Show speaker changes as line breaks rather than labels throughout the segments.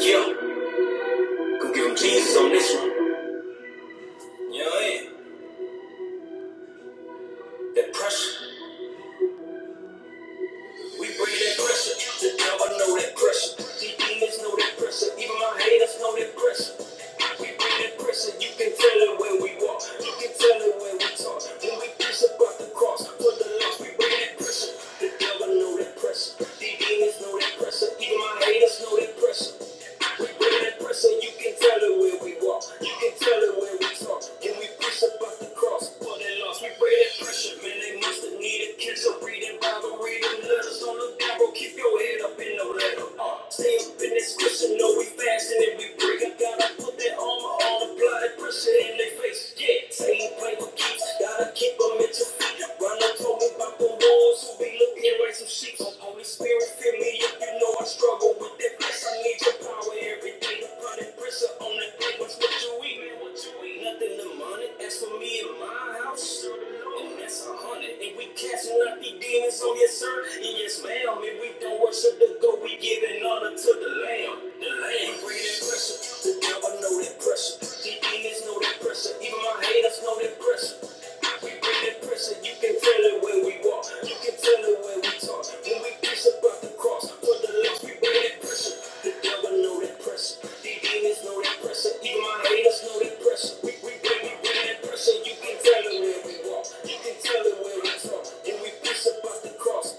Yeah, gonna give him Jesus on this one. You know what I mean? That pressure. We bring that pressure. The devil know that pressure. The demons know that pressure. Even my haters know that pressure. We bring that pressure. You can tell it when we walk. You can tell it when we talk. When we preach about the cross, for the lost, we bring that pressure. The devil know that pressure. The demons know that pressure. Even my haters know that pressure. We bring that pressure. You can tell it when we walk. You can tell it when we talk. When we preach about the cross, for the lost, we bring that pressure. Man, they must have needed catch up reading Bible don't read letters on the Bible. Keep your head up in no letter. Uh, stay up in this Christian, know we fasting and we pray. I gotta put that armor on, apply that pressure in their face. Yeah, say ain't play with keeps, gotta keep them at your feet. Runner told me about the wolves who be looking like some sheep. So Holy Spirit, fill me up, you know I struggle with that flesh. I need your power every day. Apply that pressure on that thing, what's what you eat? Man, what you eat? Nothing to money. that's for me and my house. And that's a hundred, and we catching up filthy demons. So yes, sir, and yes, ma'am. If we don't worship the God, we giving honor to the Lamb. The Lamb. breathing pressure. The devil know that pressure. The demons know that pressure. Even my haters know that pressure. We bring that pressure. You can feel it when we walk. You can feel it when we talk. When we preach about the cross, for the lost, we bring that pressure. The devil know that pressure. The demons know that pressure. Even my haters know that pressure. We we bring we bring that pressure. You can feel it when we walk. You can feel it when we talk from. we preach about the cross,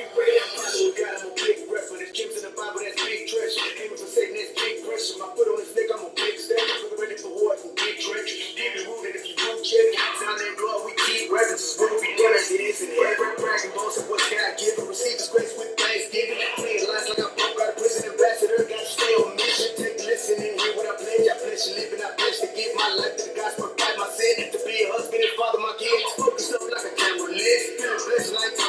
We pray our Bible, God, a big ref. When it comes in the Bible, that's big treasure. Aiming for Satan, that's big pressure. My foot on his neck, I'm a big step. Looking ready for war, big treasure. Demon rooted, if you root check. Sound and blood, we keep records. It's what we done as it is in heaven. Bragging bones what God given. Receive his grace with thanksgiving. Playing lies like I'm broke out prison. Ambassador, gotta stay on mission. Take a listen and hear what I pledge. I pledge to live and I pledge to give my life to the gospel. Fight my sin to be a husband and father my kids. I'm like like a a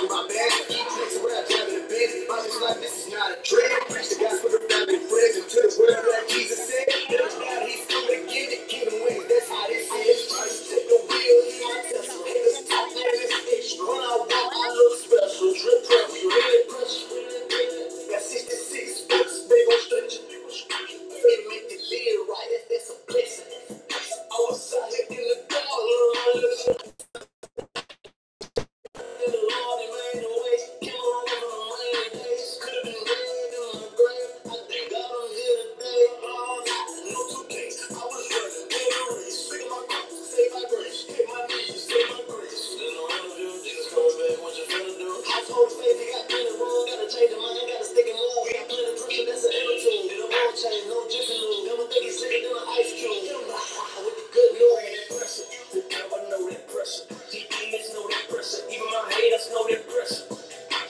on my back. Keep tricks where I drive in the bitch. My this life, this is not a trick. Preach the the gospel to to to family friends and to the world like Jesus said. There's God, he's give it, Give him Right, that's, how this is. I I'm just the the special. look special. Drip prep, you really pressure. Got 66 books, big old stretcher. they make the deal right, that's a blessing. I was out here in the dark, Change your mind, gotta stick and move. Got plenty pressure, that's an attitude. And I'm no jiffy lube. Never think he's sicker than an ice cube. Hit 'em with the good Lord pressure. The devil know that pressure. The demons know that pressure. Even my haters know that pressure.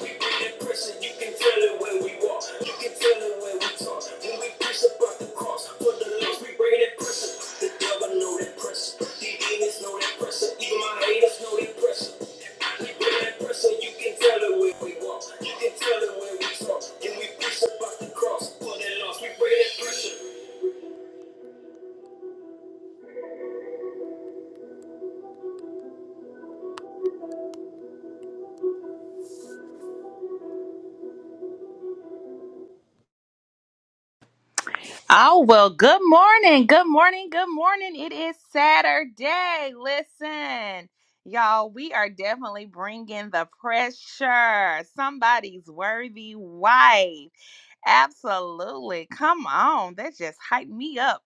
We bring that pressure. You can feel it when we walk. You can feel it when we talk. When we preach about the cross. For the lost, we bring that pressure. The devil know that pressure. The demons know that pressure. Even my haters know that pressure. We bring that pressure. You can feel it when we walk. You can feel it when we talk. When we preach about the cross. For the lost, we bring that pressure.
Oh, well, good morning. Good morning. Good morning. It is Saturday. Listen, y'all, we are definitely bringing the pressure. Somebody's worthy wife. Absolutely. Come on. That just hyped me up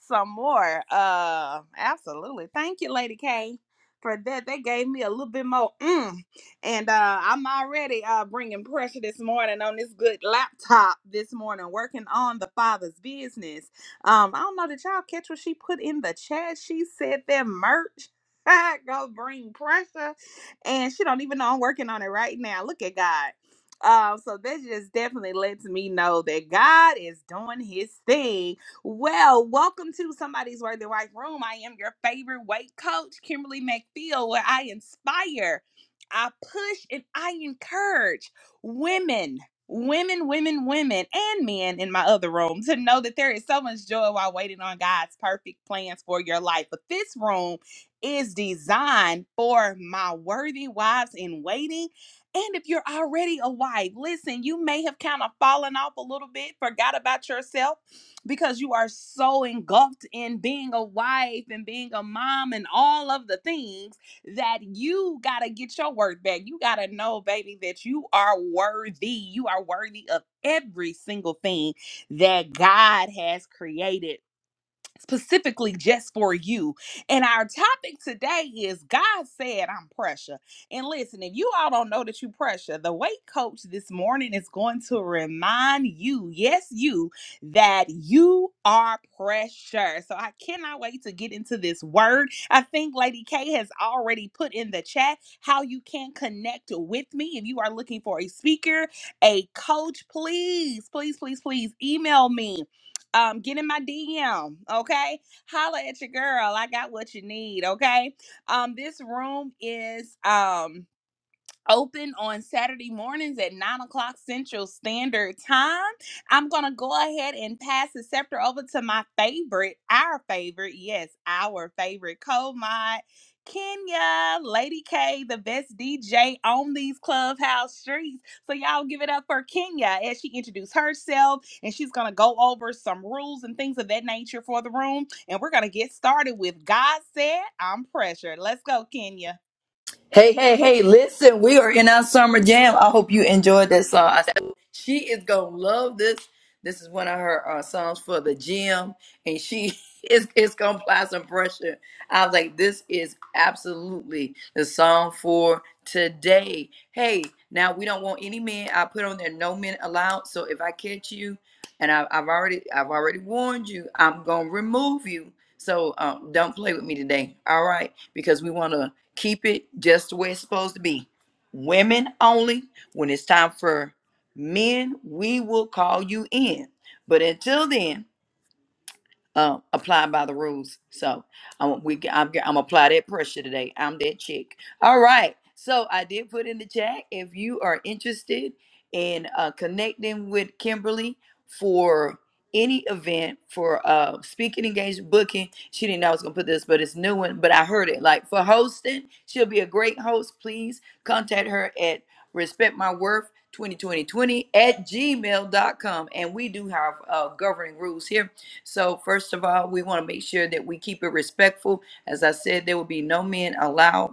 some more. Uh absolutely. Thank you, Lady K, for that. That gave me a little bit more mm. And uh I'm already uh bringing pressure this morning on this good laptop this morning, working on the father's business. Um, I don't know, did y'all catch what she put in the chat? She said that merch. Go bring pressure, and she don't even know I'm working on it right now. Look at God. Um, so this just definitely lets me know that God is doing his thing. Well, welcome to Somebody's Worthy Wife Room. I am your favorite weight coach, Kimberly McField, where I inspire, I push, and I encourage women. Women, women, women, and men in my other room to know that there is so much joy while waiting on God's perfect plans for your life. But this room is designed for my worthy wives in waiting and if you're already a wife, listen, you may have kind of fallen off a little bit, forgot about yourself because you are so engulfed in being a wife and being a mom and all of the things that you got to get your worth back. You got to know, baby, that you are worthy. You are worthy of every single thing that God has created specifically just for you. And our topic today is God said I'm pressure. And listen, if you all don't know that you pressure, the weight coach this morning is going to remind you, yes, you, that you are pressure. So I cannot wait to get into this word. I think Lady K has already put in the chat how you can connect with me if you are looking for a speaker, a coach, please, please, please, please email me um, get in my DM, okay? Holla at your girl. I got what you need, okay? Um, this room is um open on Saturday mornings at 9 o'clock Central Standard Time. I'm going to go ahead and pass the scepter over to my favorite, our favorite, yes, our favorite co mod, Kenya, Lady K, the best DJ on these clubhouse streets. So, y'all give it up for Kenya as she introduced herself and she's going to go over some rules and things of that nature for the room. And we're going to get started with God Said I'm Pressured. Let's go, Kenya.
Hey, hey, hey, listen, we are in our summer jam. I hope you enjoyed that song. I said, she is going to love this. This is one of her uh, songs for the gym, and she is, is going to apply some pressure. I was like, this is absolutely the song for today. Hey, now we don't want any men. I put on there no men allowed. So if I catch you, and I, I've already I've already warned you, I'm going to remove you. So um, don't play with me today. All right because we want to keep it just the way it's supposed to be. Women only. When it's time for men, we will call you in. But until then, uh, applying by the rules. So I'm we I'm, I'm apply that pressure today. I'm that chick. All right. So I did put in the chat if you are interested in uh, connecting with Kimberly for any event for uh speaking engagement booking she didn't know i was gonna put this but it's new one but i heard it like for hosting she'll be a great host please contact her at respect my worth 2020 at gmail.com and we do have uh governing rules here so first of all, we want to make sure that we keep it respectful. As I said, there will be no men allowed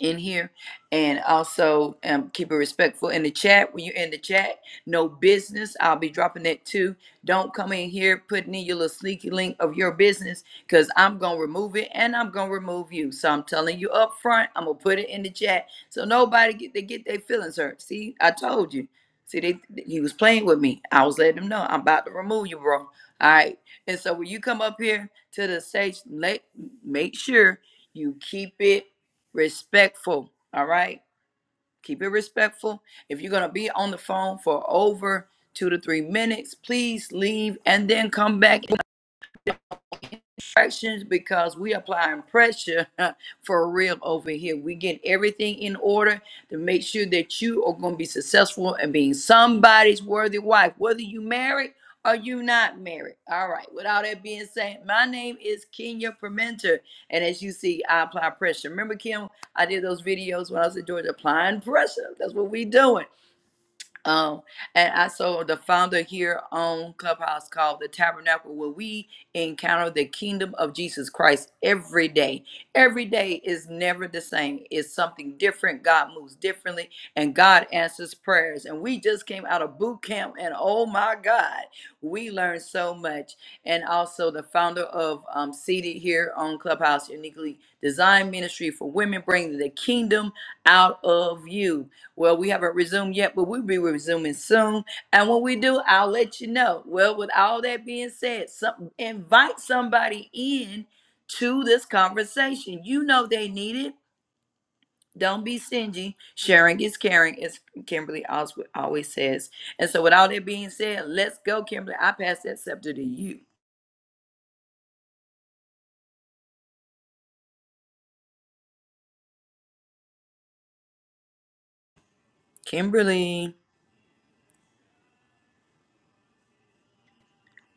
in here and also um, keep it respectful in the chat when you're in the chat no business i'll be dropping that too don't come in here putting in your little sneaky link of your business because i'm gonna remove it and i'm gonna remove you so i'm telling you up front i'm gonna put it in the chat so nobody get they get their feelings hurt see i told you see they he was playing with me i was letting him know i'm about to remove you bro all right and so when you come up here to the stage let make sure you keep it respectful. All right. Keep it respectful. If you're going to be on the phone for over two to three minutes, please leave and then come back Pressures because we applying pressure for real over here. We get everything in order to make sure that you are going to be successful and being somebody's worthy wife, whether you married or you not married. All right. With all that being said, my name is Kenya Permenter, and as you see, I apply pressure. Remember, Kim, I did those videos when I was in Georgia applying pressure. That's what we doing. Um, and I saw the founder here on Clubhouse called the Tabernacle, where we encounter the kingdom of Jesus Christ every day. Every day is never the same, it's something different. God moves differently, and God answers prayers. And we just came out of boot camp, and oh my God, we learned so much. And also, the founder of um, Seated here on Clubhouse, Uniquely Designed Ministry for Women, bringing the kingdom out of you. Well, we haven't resumed yet, but we'll be resuming soon. And when we do, I'll let you know. Well, with all that being said, some, invite somebody in to this conversation. You know they need it. Don't be stingy. Sharing is caring, as Kimberly Oswald always says. And so, with all that being said, let's go, Kimberly. I pass that scepter to you, Kimberly.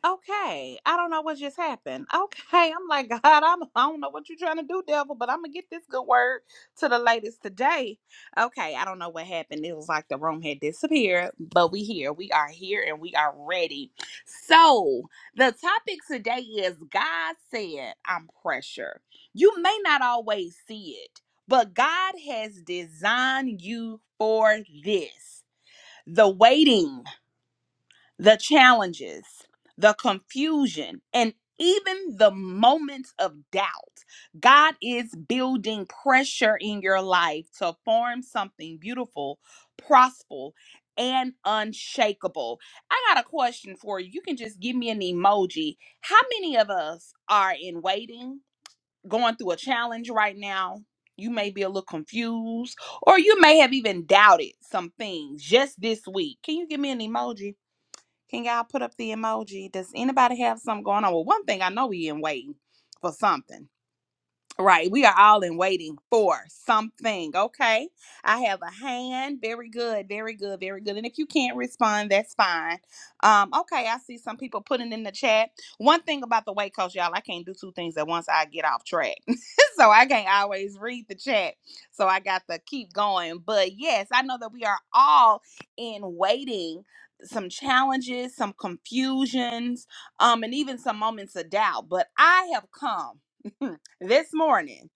Okay. I don't know what just happened. Okay. I'm like, God, I'm, I don't know what you're trying to do, devil, but I'm going to get this good word to the ladies today. Okay. I don't know what happened. It was like the room had disappeared, but we here. We are here and we are ready. So the topic today is God said, I'm pressure. You may not always see it, but God has designed you for this. The waiting the challenges, the confusion, and even the moments of doubt. God is building pressure in your life to form something beautiful, prosperous, and unshakable. I got a question for you. You can just give me an emoji. How many of us are in waiting, going through a challenge right now? You may be a little confused, or you may have even doubted some things just this week. Can you give me an emoji? Can y'all put up the emoji? Does anybody have something going on? Well, one thing I know we in waiting for something. Right. We are all in waiting for something. Okay. I have a hand. Very good. Very good. Very good. And if you can't respond, that's fine. Um, okay. I see some people putting in the chat. One thing about the weight coach, y'all, I can't do two things at once. I get off track. so I can't always read the chat. So I got to keep going. But yes, I know that we are all in waiting. Some challenges, some confusions, um, and even some moments of doubt. But I have come. this morning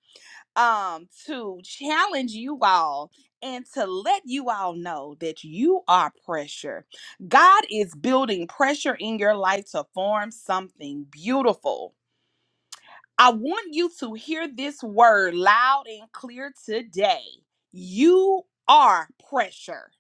um to challenge you all and to let you all know that you are pressure. God is building pressure in your life to form something beautiful. I want you to hear this word loud and clear today. You are pressure.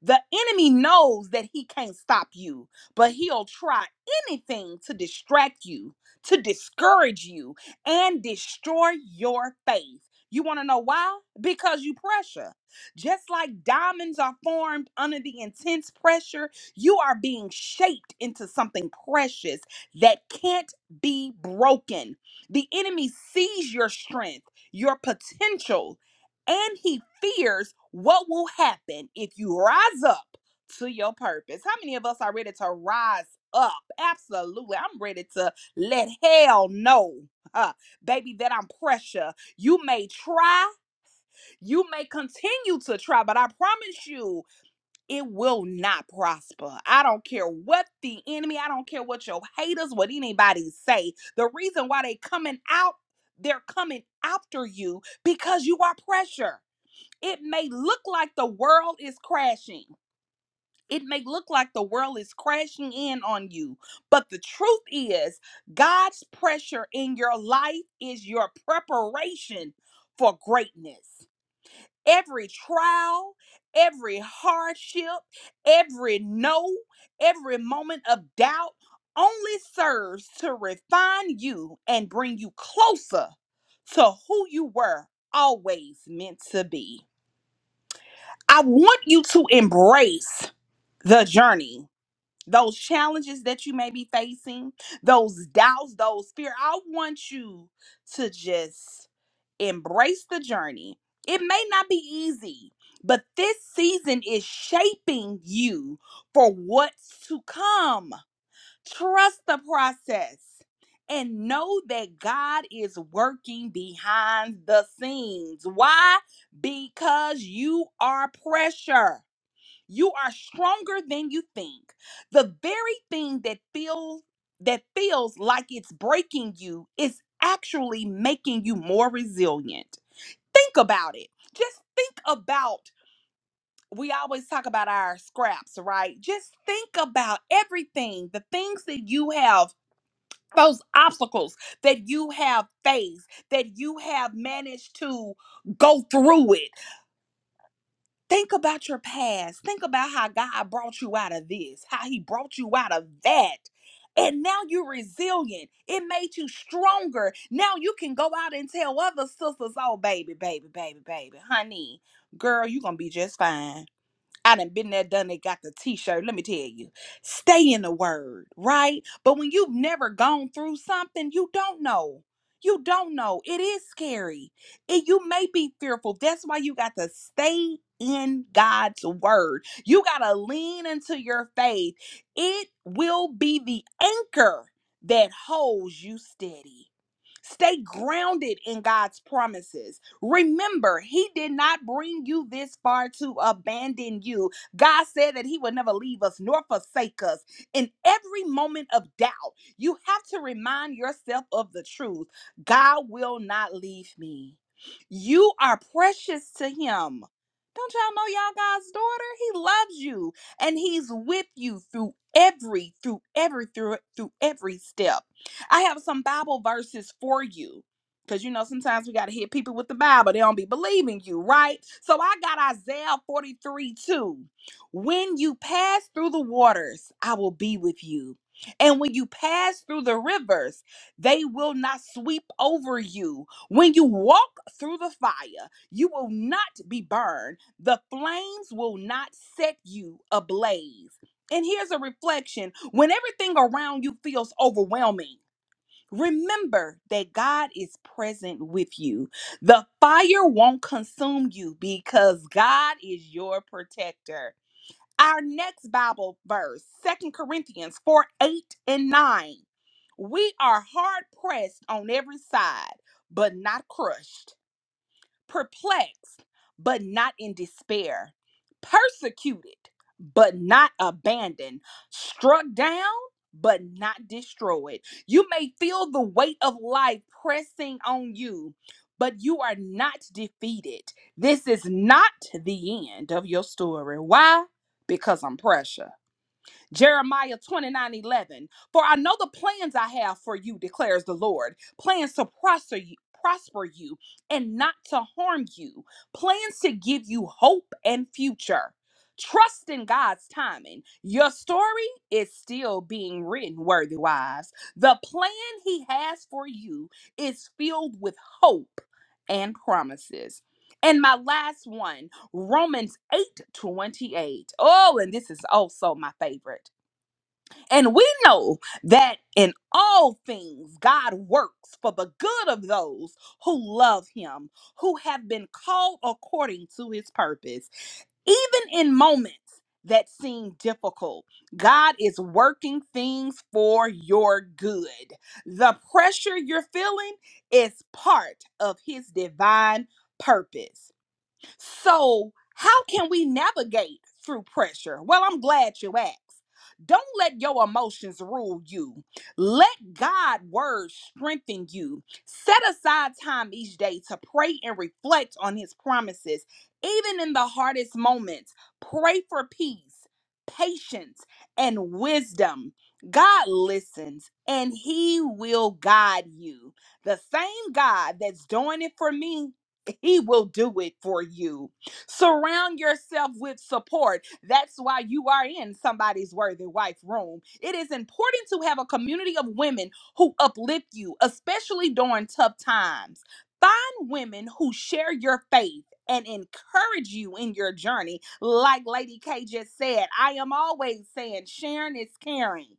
The enemy knows that he can't stop you, but he'll try anything to distract you, to discourage you, and destroy your faith. You want to know why? Because you pressure. Just like diamonds are formed under the intense pressure, you are being shaped into something precious that can't be broken. The enemy sees your strength, your potential, and he fears what will happen if you rise up to your purpose. How many of us are ready to rise up? Absolutely. I'm ready to let hell know, uh, baby, that I'm pressure. You may try, you may continue to try, but I promise you, it will not prosper. I don't care what the enemy, I don't care what your haters, what anybody say. The reason why they coming out, they're coming after you because you are pressure. It may look like the world is crashing. It may look like the world is crashing in on you. But the truth is, God's pressure in your life is your preparation for greatness. Every trial, every hardship, every no, every moment of doubt only serves to refine you and bring you closer to who you were always meant to be. I want you to embrace the journey, those challenges that you may be facing, those doubts, those fear. I want you to just embrace the journey. It may not be easy, but this season is shaping you for what's to come. Trust the process and know that God is working behind the scenes. Why? Because you are pressure. You are stronger than you think. The very thing that feels that feels like it's breaking you is actually making you more resilient. Think about it. Just think about we always talk about our scraps, right? Just think about everything, the things that you have, those obstacles that you have faced, that you have managed to go through it Think about your past. Think about how God brought you out of this, how He brought you out of that. And now you're resilient. It made you stronger. Now you can go out and tell other sisters, oh, baby, baby, baby, baby, honey, girl, you're going to be just fine. I done been there, done it, got the t-shirt. Let me tell you, stay in the word, right? But when you've never gone through something, you don't know. You don't know. It is scary. And you may be fearful. That's why you got to stay in God's word. You got to lean into your faith. It will be the anchor that holds you steady. Stay grounded in God's promises. Remember, He did not bring you this far to abandon you. God said that He would never leave us nor forsake us. In every moment of doubt, you have to remind yourself of the truth God will not leave me. You are precious to Him. Don't y'all know y'all God's daughter? He loves you and he's with you through every through every through through every step. I have some Bible verses for you. Because you know, sometimes we got to hit people with the Bible. They don't be believing you, right? So I got Isaiah 43 2. When you pass through the waters, I will be with you. And when you pass through the rivers, they will not sweep over you. When you walk through the fire, you will not be burned. The flames will not set you ablaze. And here's a reflection when everything around you feels overwhelming. Remember that God is present with you. The fire won't consume you because God is your protector. Our next Bible verse, Second Corinthians 4 8 and 9. We are hard pressed on every side, but not crushed perplexed, but not in despair, persecuted, but not abandoned, struck down, but not destroyed. You may feel the weight of life pressing on you, but you are not defeated. This is not the end of your story. Why? Because I'm precious. Jeremiah 29 11. For I know the plans I have for you, declares the Lord plans to prosper you. Prosper you and not to harm you, plans to give you hope and future. Trust in God's timing. Your story is still being written, worthy wives. The plan He has for you is filled with hope and promises. And my last one Romans 8 28. Oh, and this is also my favorite. And we know that in all things God works for the good of those who love him, who have been called according to his purpose. Even in moments that seem difficult, God is working things for your good. The pressure you're feeling is part of his divine purpose. So, how can we navigate through pressure? Well, I'm glad you asked. Don't let your emotions rule you. Let God' word strengthen you. Set aside time each day to pray and reflect on his promises. Even in the hardest moments, pray for peace, patience, and wisdom. God listens and he will guide you. The same God that's doing it for me he will do it for you. Surround yourself with support. That's why you are in somebody's worthy wife room. It is important to have a community of women who uplift you, especially during tough times. Find women who share your faith and encourage you in your journey. Like Lady K just said, I am always saying sharing is caring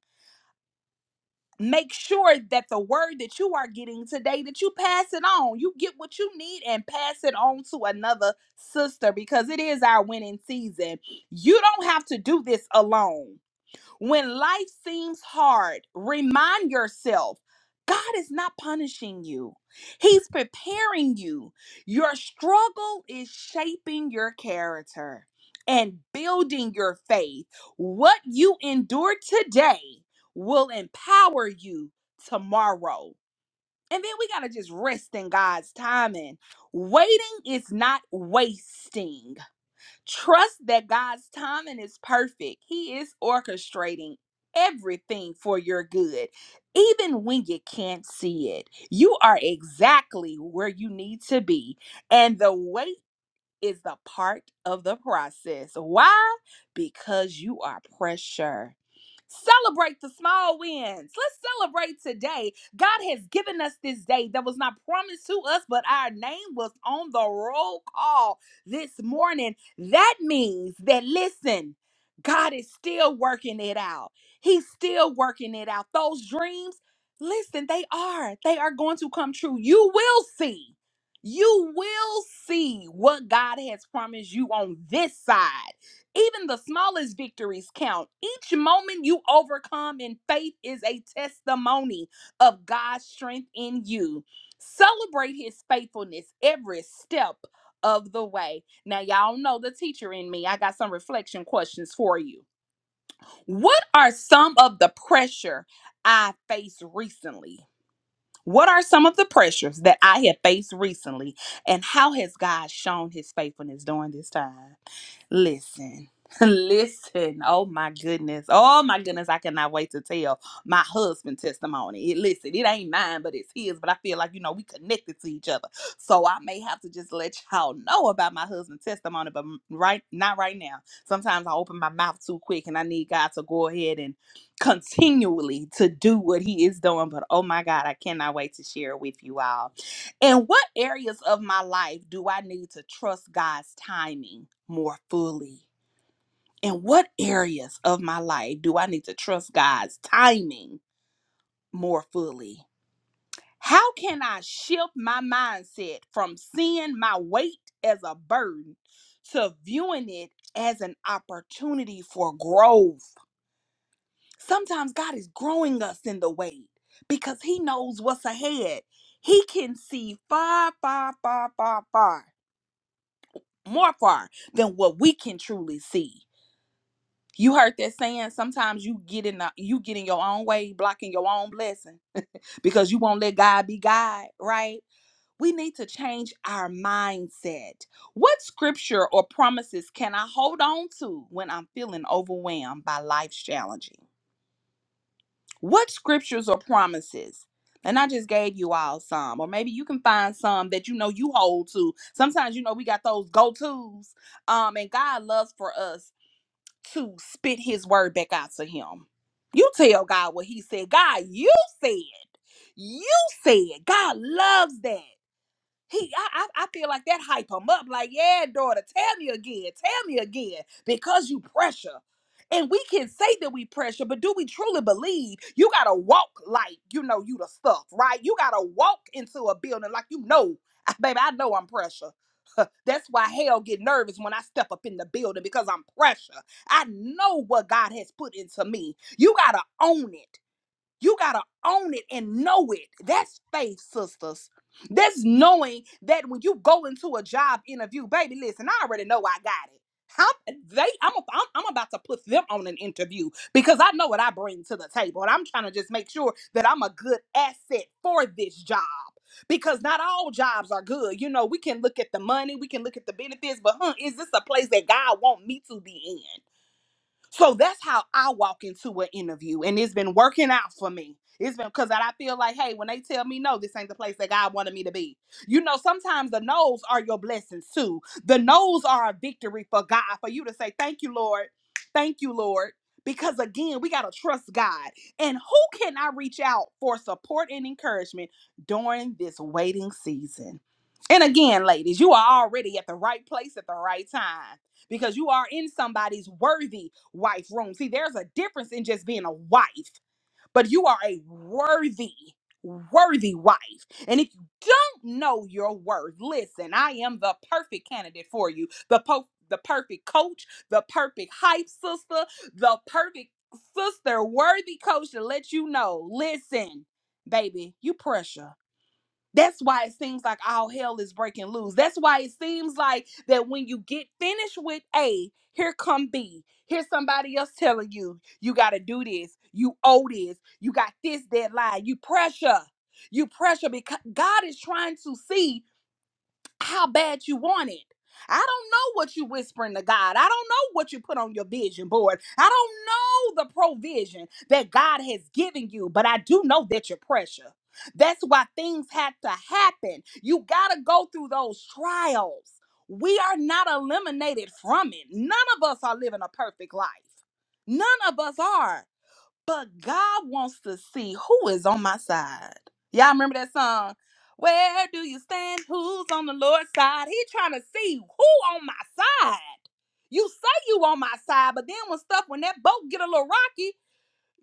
make sure that the word that you are getting today that you pass it on you get what you need and pass it on to another sister because it is our winning season you don't have to do this alone when life seems hard, remind yourself God is not punishing you, He's preparing you. Your struggle is shaping your character and building your faith. What you endure today will empower you tomorrow. And then we got to just rest in God's timing. Waiting is not wasting. Trust that God's timing is perfect. He is orchestrating everything for your good, even when you can't see it. You are exactly where you need to be, and the wait is the part of the process. Why? Because you are pressure. Celebrate the small wins. Let's celebrate today. God has given us this day that was not promised to us, but our name was on the roll call this morning. That means that, listen, God is still working it out. He's still working it out. Those dreams, listen, they are. They are going to come true. You will see. You will see what God has promised you on this side. Even the smallest victories count. Each moment you overcome in faith is a testimony of God's strength in you. Celebrate his faithfulness every step of the way. Now, y'all know the teacher in me. I got some reflection questions for you. What are some of the pressure I faced recently? What are some of the pressures that I have faced recently, and how has God shown his faithfulness during this time? Listen. Listen, oh my goodness, oh my goodness, I cannot wait to tell my husband testimony. It, listen, it ain't mine, but it's his. But I feel like you know we connected to each other, so I may have to just let y'all know about my husband's testimony, but m- right, not right now. Sometimes I open my mouth too quick, and I need God to go ahead and continually to do what he is doing. But oh my God, I cannot wait to share with you all. And what areas of my life do I need to trust God's timing more fully? And what areas of my life do I need to trust God's timing more fully? How can I shift my mindset from seeing my weight as a burden to viewing it as an opportunity for growth? Sometimes God is growing us in the wait because He knows what's ahead. He can see far, far, far, far, far, more far than what we can truly see. You heard that saying, sometimes you get in the, you get in your own way, blocking your own blessing because you won't let God be God, right? We need to change our mindset. What scripture or promises can I hold on to when I'm feeling overwhelmed by life's challenges? What scriptures or promises? And I just gave you all some, or maybe you can find some that you know you hold to. Sometimes you know we got those go tos, um, and God loves for us to spit His word back out to Him. You tell God what He said. God, you said, you said. God loves that. He, I, I, I feel like that hype him up. Like, yeah, daughter, tell me again, tell me again, because you pressure. And we can say that we pressure, but do we truly believe? You gotta walk like you know you the stuff, right? You gotta walk into a building like you know, baby. I know I'm pressure. That's why hell get nervous when I step up in the building because I'm pressure. I know what God has put into me. You gotta own it. You got to own it and know it. That's faith, sisters. That's knowing that when you go into a job interview, baby, listen, I already know I got it. How they I'm, I'm I'm about to put them on an interview because I know what I bring to the table and I'm trying to just make sure that I'm a good asset for this job because not all jobs are good. You know, we can look at the money, we can look at the benefits, but huh, is this a place that God want me to be in? So that's how I walk into an interview, and it's been working out for me. It's been because I feel like, hey, when they tell me no, this ain't the place that God wanted me to be. You know, sometimes the no's are your blessings too. The no's are a victory for God, for you to say, thank you, Lord. Thank you, Lord. Because again, we got to trust God. And who can I reach out for support and encouragement during this waiting season? And again, ladies, you are already at the right place at the right time because you are in somebody's worthy wife room. See, there's a difference in just being a wife, but you are a worthy, worthy wife. And if you don't know your worth, listen, I am the perfect candidate for you. The po- the perfect coach, the perfect hype sister, the perfect sister worthy coach to let you know. Listen, baby, you pressure. That's why it seems like all hell is breaking loose. That's why it seems like that when you get finished with A, here come B. Here's somebody else telling you, you got to do this. You owe this. You got this deadline. You pressure. You pressure because God is trying to see how bad you want it. I don't know what you whispering to God. I don't know what you put on your vision board. I don't know the provision that God has given you, but I do know that you're pressure. That's why things had to happen. You got to go through those trials. We are not eliminated from it. None of us are living a perfect life. None of us are. But God wants to see who is on my side. Y'all remember that song? Where do you stand? Who's on the Lord's side? He trying to see who on my side. You say you on my side, but then when stuff when that boat get a little rocky,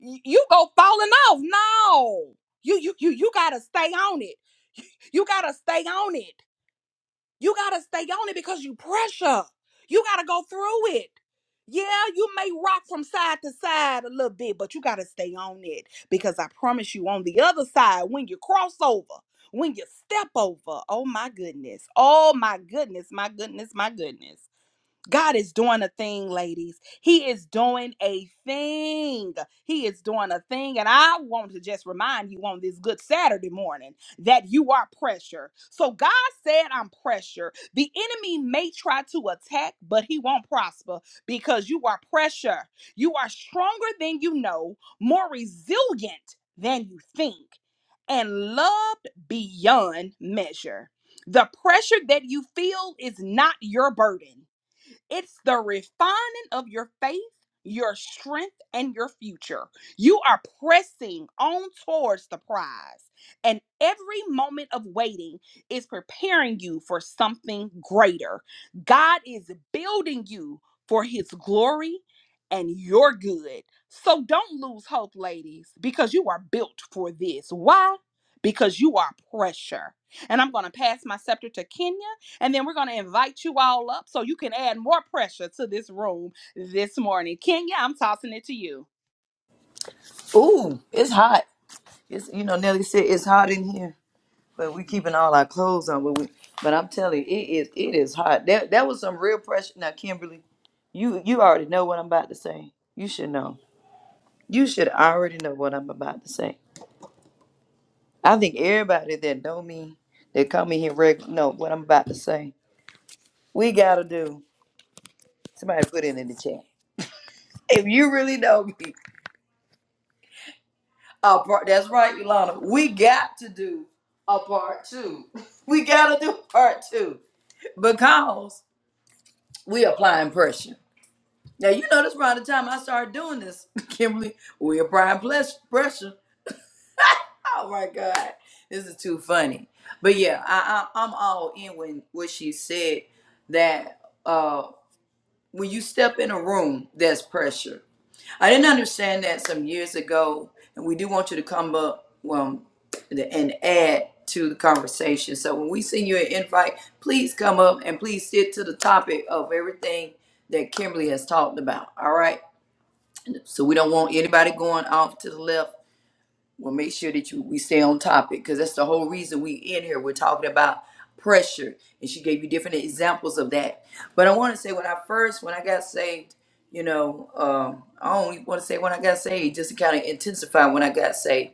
y- you go falling off. No, you you you you gotta stay on it. You gotta stay on it. You gotta stay on it because you pressure. You gotta go through it. Yeah, you may rock from side to side a little bit, but you gotta stay on it because I promise you, on the other side, when you cross over, when you step over, oh my goodness, oh my goodness, my goodness, my goodness. God is doing a thing, ladies. He is doing a thing. He is doing a thing. And I want to just remind you on this good Saturday morning that you are pressure. So God said, I'm pressure. The enemy may try to attack, but he won't prosper because you are pressure. You are stronger than you know, more resilient than you think, and loved beyond measure. The pressure that you feel is not your burden. It's the refining of your faith, your strength, and your future. You are pressing on towards the prize, and every moment of waiting is preparing you for something greater. God is building you for his glory and your good. So don't lose hope, ladies, because you are built for this. Why? Because you are pressure. And I'm going to pass my scepter to Kenya and then we're going to invite you all up so you can add more pressure to this room this morning. Kenya, I'm tossing it to you.
Ooh, it's hot. It's you know, Nelly said it's hot in here. But we keeping all our clothes on. But we, but I'm telling you, it is it is hot. That that was some real pressure. Now, Kimberly, you you already know what I'm about to say. You should know. You should already know what I'm about to say. I think everybody that know me, that come in here regular, know what I'm about to say. We gotta do. Somebody put it in the chat. If you really know me, a part. That's right, Ilana. We got to do a part two. We gotta do part two because we applying pressure. Now you know this around the time I started doing this, Kimberly. We applying bless- pressure. Oh my God, this is too funny. But yeah, I, I, I'm all in when what she said that uh, when you step in a room, there's pressure. I didn't understand that some years ago, and we do want you to come up um, and add to the conversation. So when we send you an invite, please come up and please stick to the topic of everything that Kimberly has talked about. All right. So we don't want anybody going off to the left. We'll make sure that you we stay on topic because that's the whole reason we in here. We're talking about pressure, and she gave you different examples of that. But I want to say when I first when I got saved, you know, um, I only want to say when I got saved just to kind of intensify when I got saved.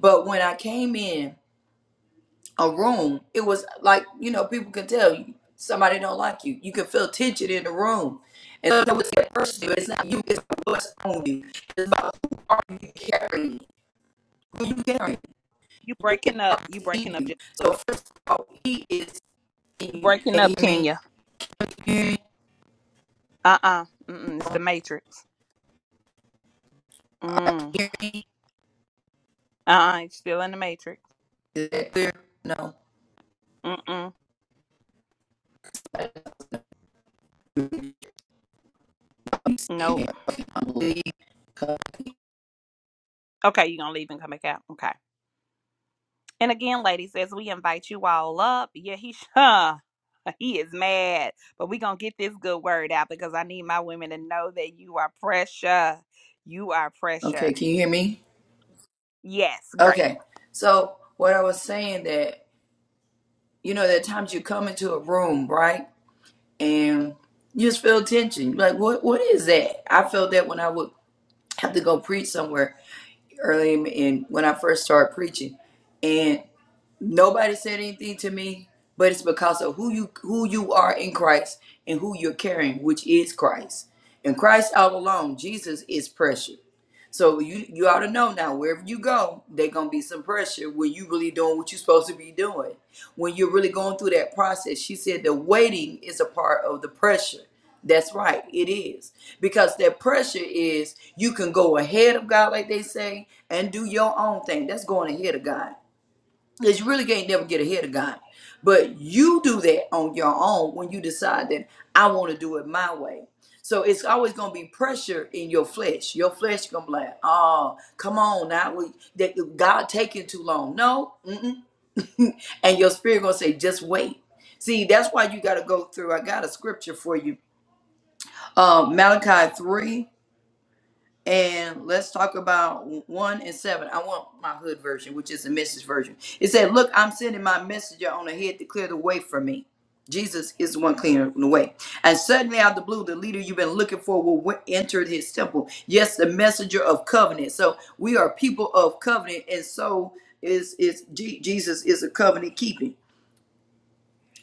But when I came in a room, it was like you know people could tell you somebody don't like you. You could feel tension in the room, and so it was that person. It's not you. It's what's on you. It's about who are you carrying? Who you carrying?
You breaking up. You
Christ in
breaking up
you.
just a little
So
bit.
first of all, He is in
you
you.
breaking
Can you
up,
hear me?
Kenya.
Can you
Uh uh Mm-mm, It's the Matrix. Mm.
hear me?
Uh uh You're still in the Matrix.
Is that clear? No.
Mm mm. Nope. Okay, you're going to leave and come back out. Okay. And again, ladies, as we invite you all up, yeah, he huh. He is mad, but we're going to get this good word out because I need my women to know that you are pressure. You are pressure.
Okay. Can you hear me?
Yes, great.
Okay. So what I was saying that you know there are times you come into a room, right? and you just feel tension. Like, what what is that? I felt that when I would have to go preach somewhere early in, in when I first started preaching, and nobody said anything to me, but it's because of who you who you are in Christ and who you're carrying, which is Christ. And Christ all alone, Jesus is pressure. So you you ought to know now wherever you go, there gonna be some pressure when you really doing what you're supposed to be doing. When you're really going through that process, she said the waiting is a part of the pressure. That's right, it is. Because that pressure is you can go ahead of God, like they say, and do your own thing. That's going ahead of God because you really can't never get ahead of God. But you do that on your own when you decide that I want to do it my way. So it's always going to be pressure in your flesh. Your flesh going to be like, oh, come on now. We, that God taking too long. No. Mm-mm. and your spirit going to say, just wait. See, that's why you got to go through. I got a scripture for you. Uh, Malachi 3 and let's talk about one and seven. I want my hood version, which is the message version. It said, Look, I'm sending my messenger on ahead to clear the way for me. Jesus is the one clearing the way. And suddenly, out of the blue, the leader you've been looking for will enter his temple. Yes, the messenger of covenant. So we are people of covenant, and so is is Je- Jesus is a covenant keeping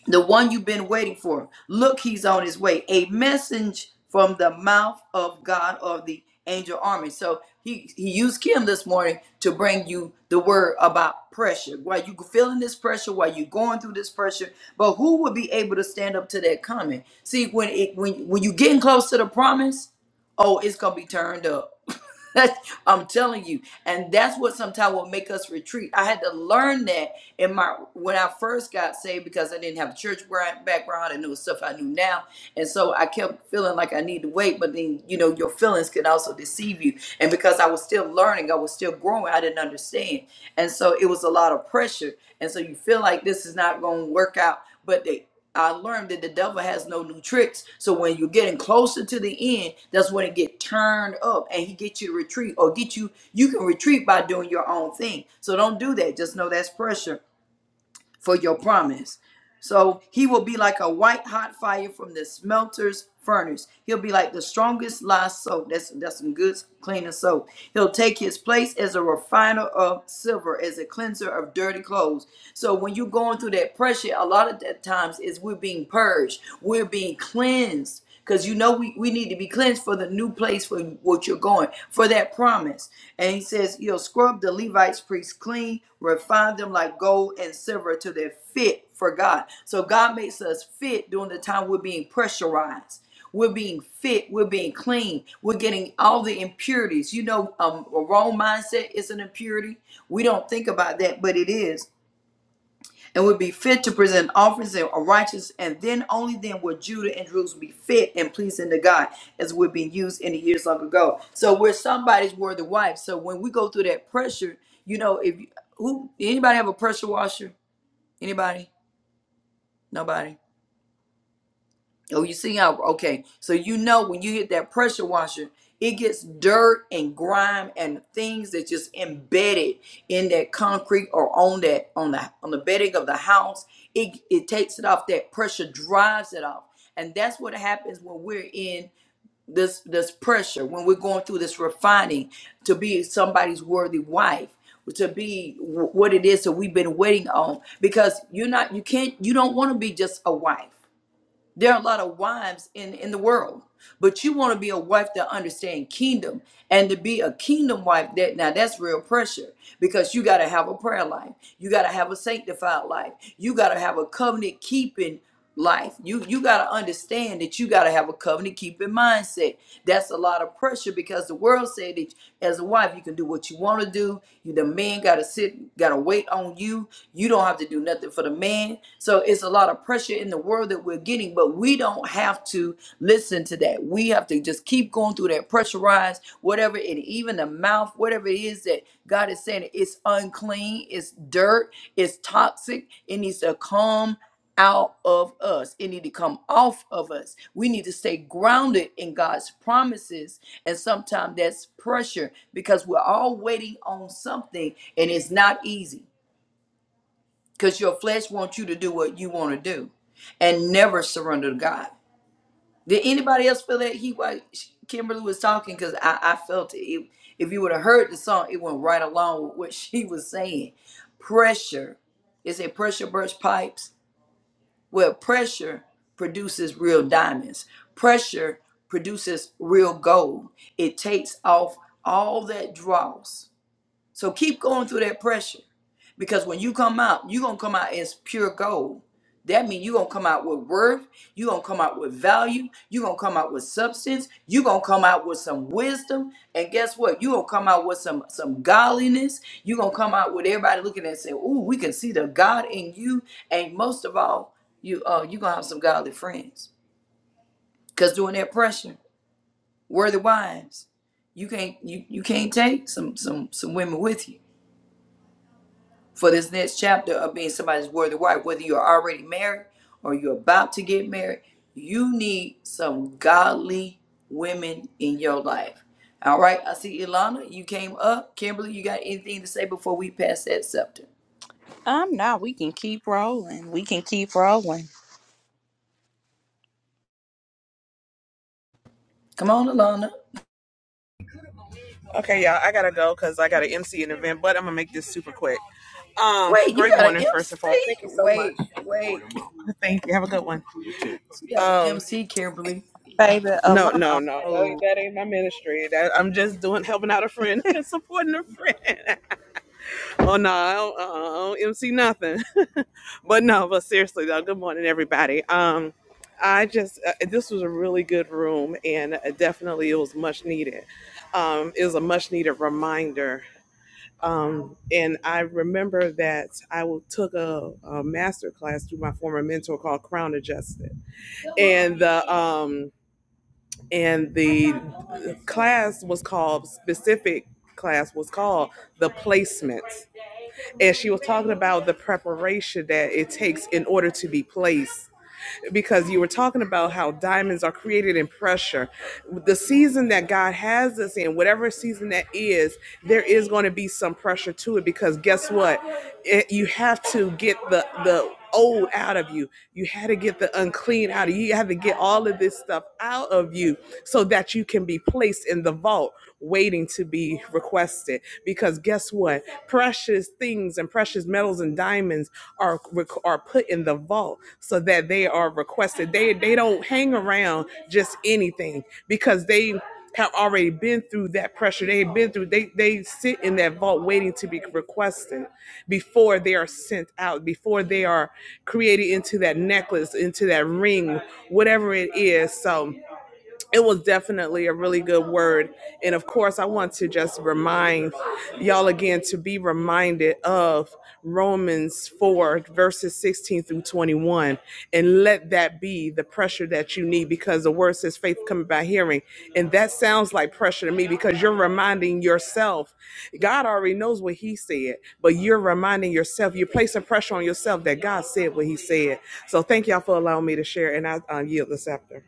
the one you've been waiting for. Look, he's on his way. A message from the mouth of God of the angel army. So he, he used Kim this morning to bring you the word about pressure. While you feeling this pressure, while you going through this pressure, but who would be able to stand up to that comment? See, when it when when you getting close to the promise, oh, it's gonna be turned up I'm telling you, and that's what sometimes will make us retreat. I had to learn that in my when I first got saved because I didn't have a church gra- background and it was stuff I knew now, and so I kept feeling like I need to wait. But then you know your feelings can also deceive you, and because I was still learning, I was still growing, I didn't understand, and so it was a lot of pressure, and so you feel like this is not going to work out, but they. I learned that the devil has no new tricks. So when you're getting closer to the end, that's when it get turned up and he get you to retreat or get you you can retreat by doing your own thing. So don't do that. Just know that's pressure for your promise. So he will be like a white hot fire from the smelter's furnace. He'll be like the strongest lye soap. That's that's some good cleaner soap. He'll take his place as a refiner of silver, as a cleanser of dirty clothes. So when you're going through that pressure, a lot of the times is we're being purged, we're being cleansed because you know we, we need to be cleansed for the new place for what you're going for that promise and he says you will scrub the levites priests clean refine them like gold and silver till they're fit for god so god makes us fit during the time we're being pressurized we're being fit we're being clean we're getting all the impurities you know um, a wrong mindset is an impurity we don't think about that but it is and would be fit to present offerings that are righteous, and then only then would Judah and Jerusalem be fit and pleasing to God, as would be used in the years long ago. So we're somebody's worthy wife. So when we go through that pressure, you know, if you, who anybody have a pressure washer? Anybody? Nobody. Oh, you see how? Okay, so you know when you hit that pressure washer, it gets dirt and grime and things that just embedded in that concrete or on that on the on the bedding of the house. It it takes it off. That pressure drives it off, and that's what happens when we're in this this pressure when we're going through this refining to be somebody's worthy wife to be wh- what it is that we've been waiting on because you're not you can't you don't want to be just a wife there are a lot of wives in in the world, but you want to be a wife that understands kingdom and to be a kingdom wife. That now that's real pressure because you got to have a prayer life, you got to have a sanctified life, you got to have a covenant keeping life. You you got to understand that you got to have a covenant keeping mindset. That's a lot of pressure because the world said that as a wife you can do what you want to do. You, the man got to sit, got to wait on you. You don't have to do nothing for the man saying? So it's a lot of pressure in the world that we're getting, but we don't have to listen to that. We have to just keep going through that pressurized, whatever it even the mouth, whatever it is that God is saying it's unclean, it's dirt, it's toxic, it needs to come out of us. It need to come off of us. We need to stay grounded in God's promises. And sometimes that's pressure because we're all waiting on something and it's not easy because your flesh wants you to do what you want to do and never surrender to God. Did anybody else feel that he was Kimberly was talking? Because I, I felt it. it. If you would have heard the song, it went right along with what she was saying. Pressure is a pressure burst pipes. Well, pressure produces real diamonds. Pressure produces real gold. It takes off all that dross so keep going through that pressure. Because when you come out, you're gonna come out as pure gold. That means you're gonna come out with worth, you're gonna come out with value, you're gonna come out with substance, you're gonna come out with some wisdom, and guess what? You're gonna come out with some some godliness, you're gonna come out with everybody looking at it and saying, Ooh, we can see the God in you, and most of all, you uh you're gonna have some godly friends. Cause during that pressure, worthy wives, you can't you you can't take some some some women with you for this next chapter of being somebody's worthy wife, whether you're already married or you're about to get married, you need some godly women in your life. All right, I see Ilana, you came up. Kimberly, you got anything to say before we pass that scepter?
Um, now we can keep rolling. We can keep rolling.
Come on, Ilana.
Okay, y'all, I gotta go because I gotta MC an event, but I'm gonna make this super quick. Um,
Wait, you
great
got an
morning, first
MC?
and foremost. Thank you so much.
Wait, wait.
Thank you. Have a good one.
She got an
Um,
MC, Kimberly.
Baby
no, no,
Alana.
no, that, ain't-
Oh,
that ain't my ministry. That, I'm just doing helping out a friend, and supporting a friend. oh no, I don't, uh, I don't MC nothing. but no, but seriously though, good morning, everybody. Um, I just uh, this was a really good room, and uh, definitely it was much needed. Um, it was a much needed reminder Um, and I remember that I took a, a master class through my former mentor called Crown Adjusted, and the um, and the class was called specific class was called the placements, and she was talking about the preparation that it takes in order to be placed because you were talking about how diamonds are created in pressure. The season that God has us in, whatever season that is, there is going to be some pressure to it because guess what? It, you have to get the the old out of you. You had to get the unclean out of you. You have to get all of this stuff out of you so that you can be placed in the vault waiting to be requested because guess what? doing. Precious things and precious metals and diamonds are are put in the vault so that they are requested. They they don't hang around just anything because they have already been through that pressure. They've been through. They they sit in that vault waiting to be requested before they are sent out. Before they are created into that necklace, into that ring, whatever it is. So it was definitely a really good word. And of course, I want to just remind y'all again to be reminded of Romans 4, verses 16 through 21. And let that be the pressure that you need because the word says faith coming by hearing. And that sounds like pressure to me because you're reminding yourself. God already knows what He said, but you're reminding yourself, you're placing pressure on yourself that God said what He said. So thank y'all for allowing me to share. And I uh, yield this after.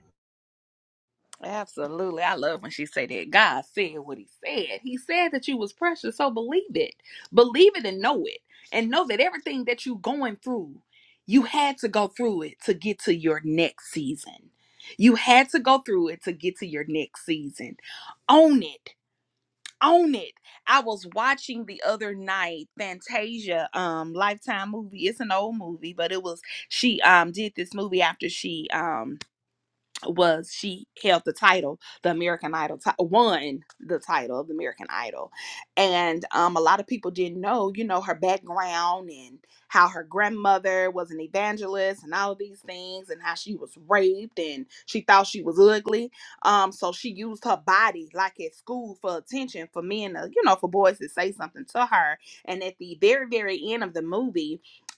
absolutely. I love when she say that. God said what he said. He said that you was precious, so believe it. Believe it and know it. And know that everything that you going through, you had to go through it to get to your next season. You had to go through it to get to your next season. Own it own it. I was watching the other night Fantasia um Lifetime movie. It's an old movie, but it was she um did this movie after she um was she held the title the american idol ti- won the title of the american idol and um, a lot of people didn't know you know her background and how her grandmother was an evangelist and all of these things and how she was raped and she thought she was ugly um, so she used her body like at school for attention for men to, you know for boys to say something to her and at the very very end of the movie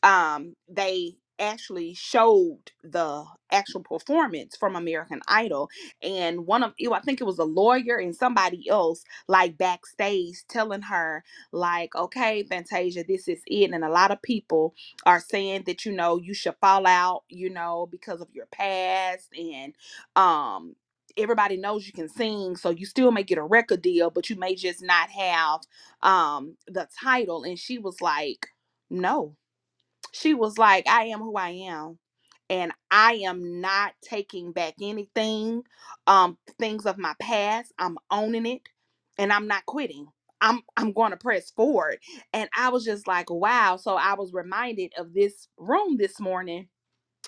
um, they actually showed the actual performance from American Idol, and one of you, I think it was a lawyer and somebody else, like backstage, telling her like, "Okay, Fantasia, this is it," and a lot of people are saying that you know you should fall out, you know, because of your past and um. Everybody knows you can sing, so you still may get a record deal, but you may just not have um the title. And she was like, No, she was like, I am who I am. And I am not taking back anything, um, things of my past. I'm owning it and I'm not quitting. I'm I'm going to press forward. And I was just like, wow. So I was reminded of this room this morning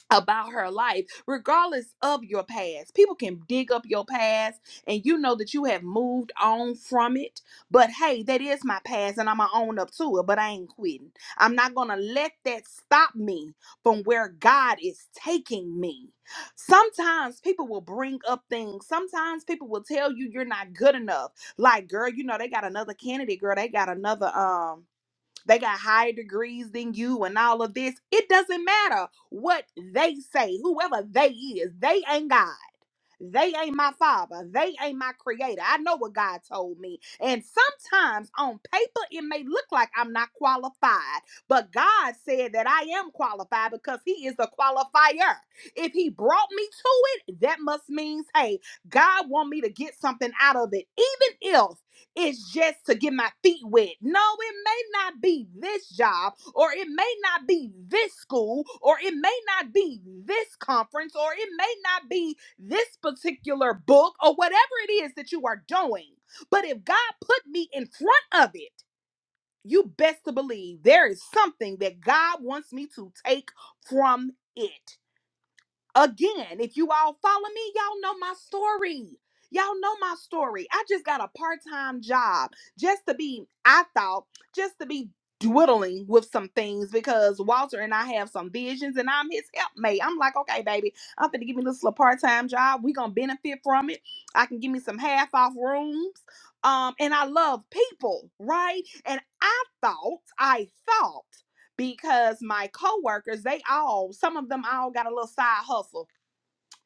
about her life, regardless of your past. People can dig up your past and you know that you have moved on from it. But hey, that is my past and I'm going to own up to it, but I ain't quitting. I'm not going to let that stop me from where God is taking me. Sometimes people will bring up things. Sometimes people will tell you you're not good enough. Like, girl, you know, they got another candidate, girl. They got another, um, they got higher degrees than you and all of this. It doesn't matter what they say, whoever they is, they ain't God. They ain't my father. They ain't my creator. I know what God told me. And sometimes on paper, it may look like I'm not qualified, but God said that I am qualified because He is the qualifier. If He brought me to it, that must mean, hey, God want me to get something out of it, even if it's just to get my feet wet. No, it may not be this job, or it may not be this school, or it may not be this conference, or it may not be this particular book or whatever it is that you are doing. But if God put me in front of it, you best to believe there is something that God wants me to take from it. Again, if you all follow me, y'all know my story. Y'all know my story. I just got a part time job just to be, I thought, just to be dwiddling with some things because Walter and I have some visions and I'm his helpmate. I'm like, okay, baby, I'm going to give me this little part time job. we going to benefit from it. I can give me some half off rooms. Um, and I love people, right? And I thought, I thought, because my coworkers, they all, some of them all got a little side hustle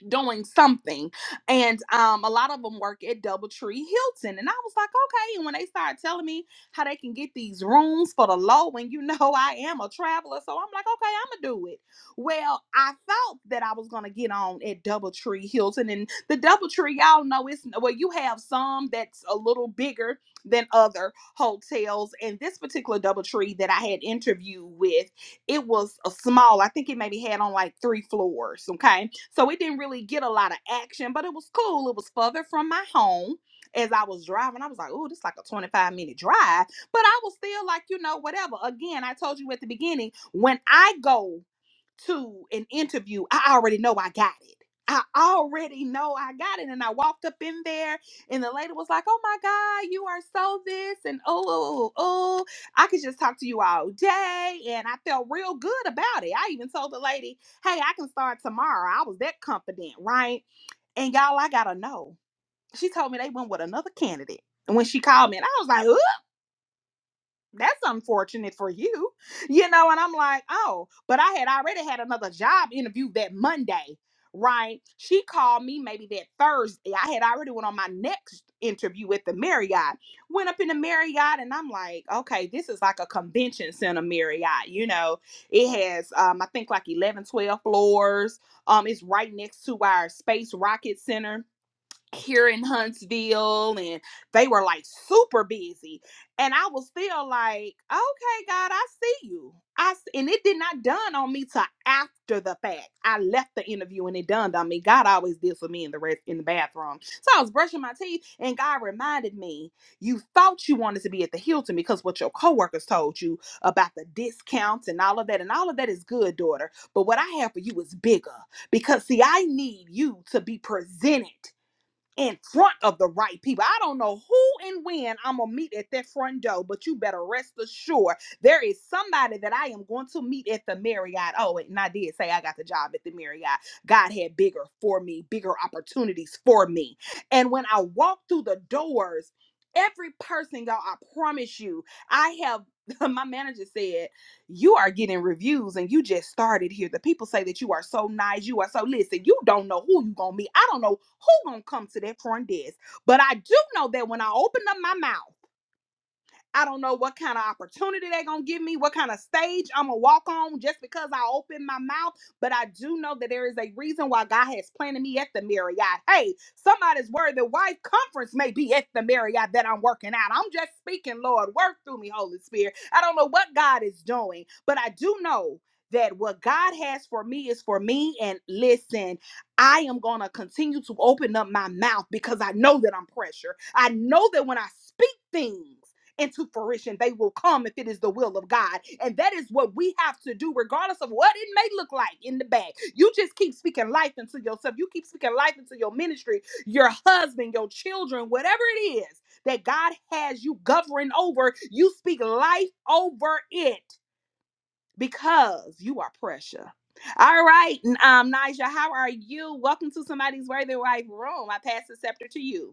doing something. And um, a lot of them work at Doubletree Hilton. And I was like, okay. And when they started telling me how they can get these rooms for the low, and you know I am a traveler, so I'm like, okay, I'm gonna do it. Well, I thought that I was gonna get on at Doubletree Hilton, and the Doubletree, y'all know it's well, you have some that's a little bigger than other hotels, and this particular Doubletree that I had interviewed with it was a small, I think it maybe had on like three floors. Okay. So it didn't really get a lot of action, but it was cool. It was further from my home. As I was driving, I was like, oh, this is like a 25 minute drive. But I was still like, you know, whatever. Again, I told you at the beginning, when I go to an interview, I already know I got it. I already know I got it. And I walked up in there, and the lady was like, Oh my God, you are so this. And oh, oh, oh, I could just talk to you all day. And I felt real good about it. I even told the lady, Hey, I can start tomorrow. I was that confident, right? And y'all, I got to know. She told me they went with another candidate. And when she called me, and I was like, that's unfortunate for you you know and i'm like oh but i had already had another job interview that monday right she called me maybe that thursday i had already went on my next interview at the marriott went up in the marriott and i'm like okay this is like a convention center marriott you know it has um i think like 11, 12 floors um it's right next to our space rocket center here in Huntsville and they were like super busy. And I was still like, okay, God, I see you. I s- and it did not dawn on me till after the fact. I left the interview and it dawned on me. God always did for me in the rest in the bathroom. So I was brushing my teeth and God reminded me, you thought you wanted to be at the Hilton because what your coworkers told you about the discounts and all of that. And all of that is good, daughter. But what I have for you is bigger. Because see, I need you to be presented in front of the right people. I don't know who and when I'm gonna meet at that front door, but you better rest assured there is somebody that I am going to meet at the Marriott. Oh, and I did say I got the job at the Marriott. God had bigger for me, bigger opportunities for me. And when I walked through the doors, every person, y'all, I promise you, I have my manager said you are getting reviews and you just started here. The people say that you are so nice. You are so listen, you don't know who you gonna meet. I don't know who gonna come to that front desk. But I do know that when I open up my mouth, I don't know what kind of opportunity they're going to give me, what kind of stage I'm going to walk on just because I open my mouth. But I do know that there is a reason why God has planted me at the Marriott. Hey, somebody's worried that wife conference may be at the Marriott that I'm working out. I'm just speaking, Lord. Work through me, Holy Spirit. I don't know what God is doing, but I do know that what God has for me is for me. And listen, I am going to continue to open up my mouth because I know that I'm pressure. I know that when I speak things, into fruition. They will come if it is the will of God. And that is what we have to do, regardless of what it may look like in the back. You just keep speaking life into yourself. You keep speaking life into your ministry, your husband, your children, whatever it is that God has you governing over. You speak life over it because you are precious. All right, um, Nigel, how are you? Welcome to somebody's worthy wife room. I pass the scepter to you.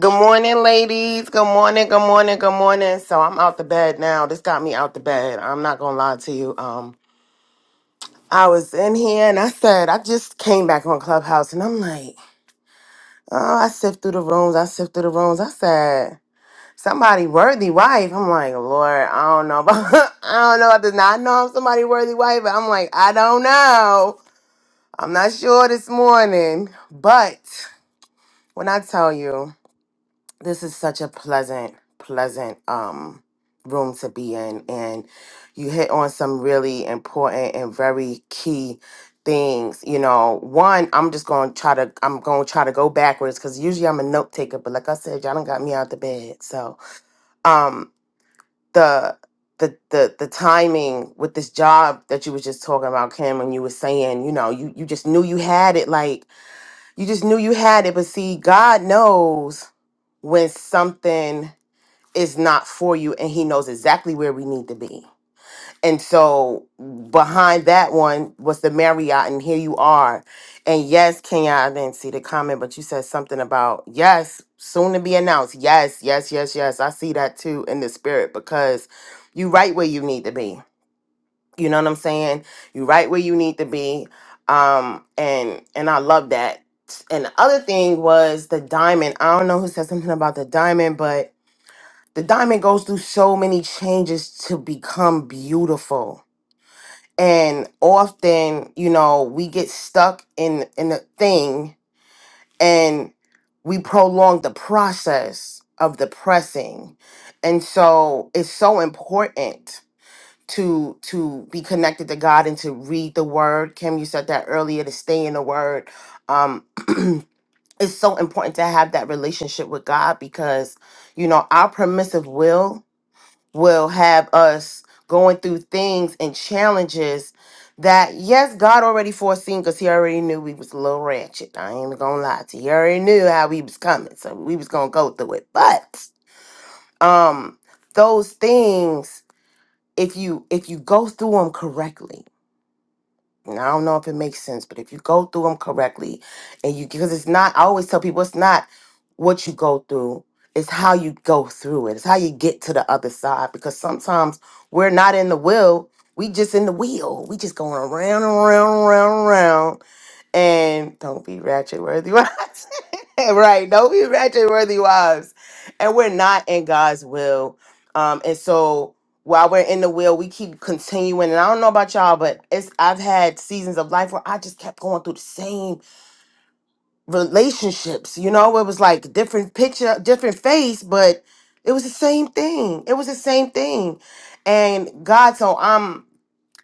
Good morning, ladies. Good morning, good morning, good morning. So I'm out the bed now. This got me out the bed. I'm not gonna lie to you. Um, I was in here and I said I just came back on Clubhouse and I'm like, oh, I sift through the rooms, I sift through the rooms. I said, somebody worthy wife. I'm like, Lord, I don't know about I don't know about this. Now I know I'm somebody worthy wife, but I'm like, I don't know. I'm not sure this morning. But when I tell you. this is such a pleasant pleasant um room to be in and you hit on some really important and very key things you know one i'm just gonna try to i'm gonna try to go backwards because usually i'm a note taker but like i said y'all done got me out the bed so um the the, the the timing with this job that you was just talking about kim and you were saying you know you you just knew you had it like you just knew you had it but see god knows when something is not for you and he knows exactly where we need to be. And so behind that one was the Marriott and here you are. And yes, Kenya, I didn't see the comment, but you said something about yes, soon to be announced. Yes, yes, yes, yes. I see that too in the spirit because you right where you need to be. You know what I'm saying? You right where you need to be. Um and and I love that. And the other thing was the diamond. I don't know who said something about the diamond, but the diamond goes through so many changes to become beautiful and often you know we get stuck in in a thing and we prolong the process of the pressing and so it's so important to to be connected to god and to read the word kim you said that earlier to stay in the word um it's so important to have that relationship with god because you know our permissive will will have us going through things and challenges that yes god already foreseen because he already knew we was a little ratchet i ain't gonna lie to you he already knew how we was coming so we was gonna go through it but um those things if you if you go through them correctly and I don't know if it makes sense, but if you go through them correctly and you, because it's not, I always tell people it's not what you go through, it's how you go through it, it's how you get to the other side. Because sometimes we're not in the will, we just in the wheel, we just going around and around and around and around. And don't be ratchet worthy. right. Don't be ratchet worthy wives. And we're not in God's will. Um, and so while we're in the will, we keep continuing. And I don't know about y'all, but it's I've had seasons of life where I just kept going through the same relationships, you know, it was like different picture, different face, but it was the same thing. It was the same thing. And God, so I'm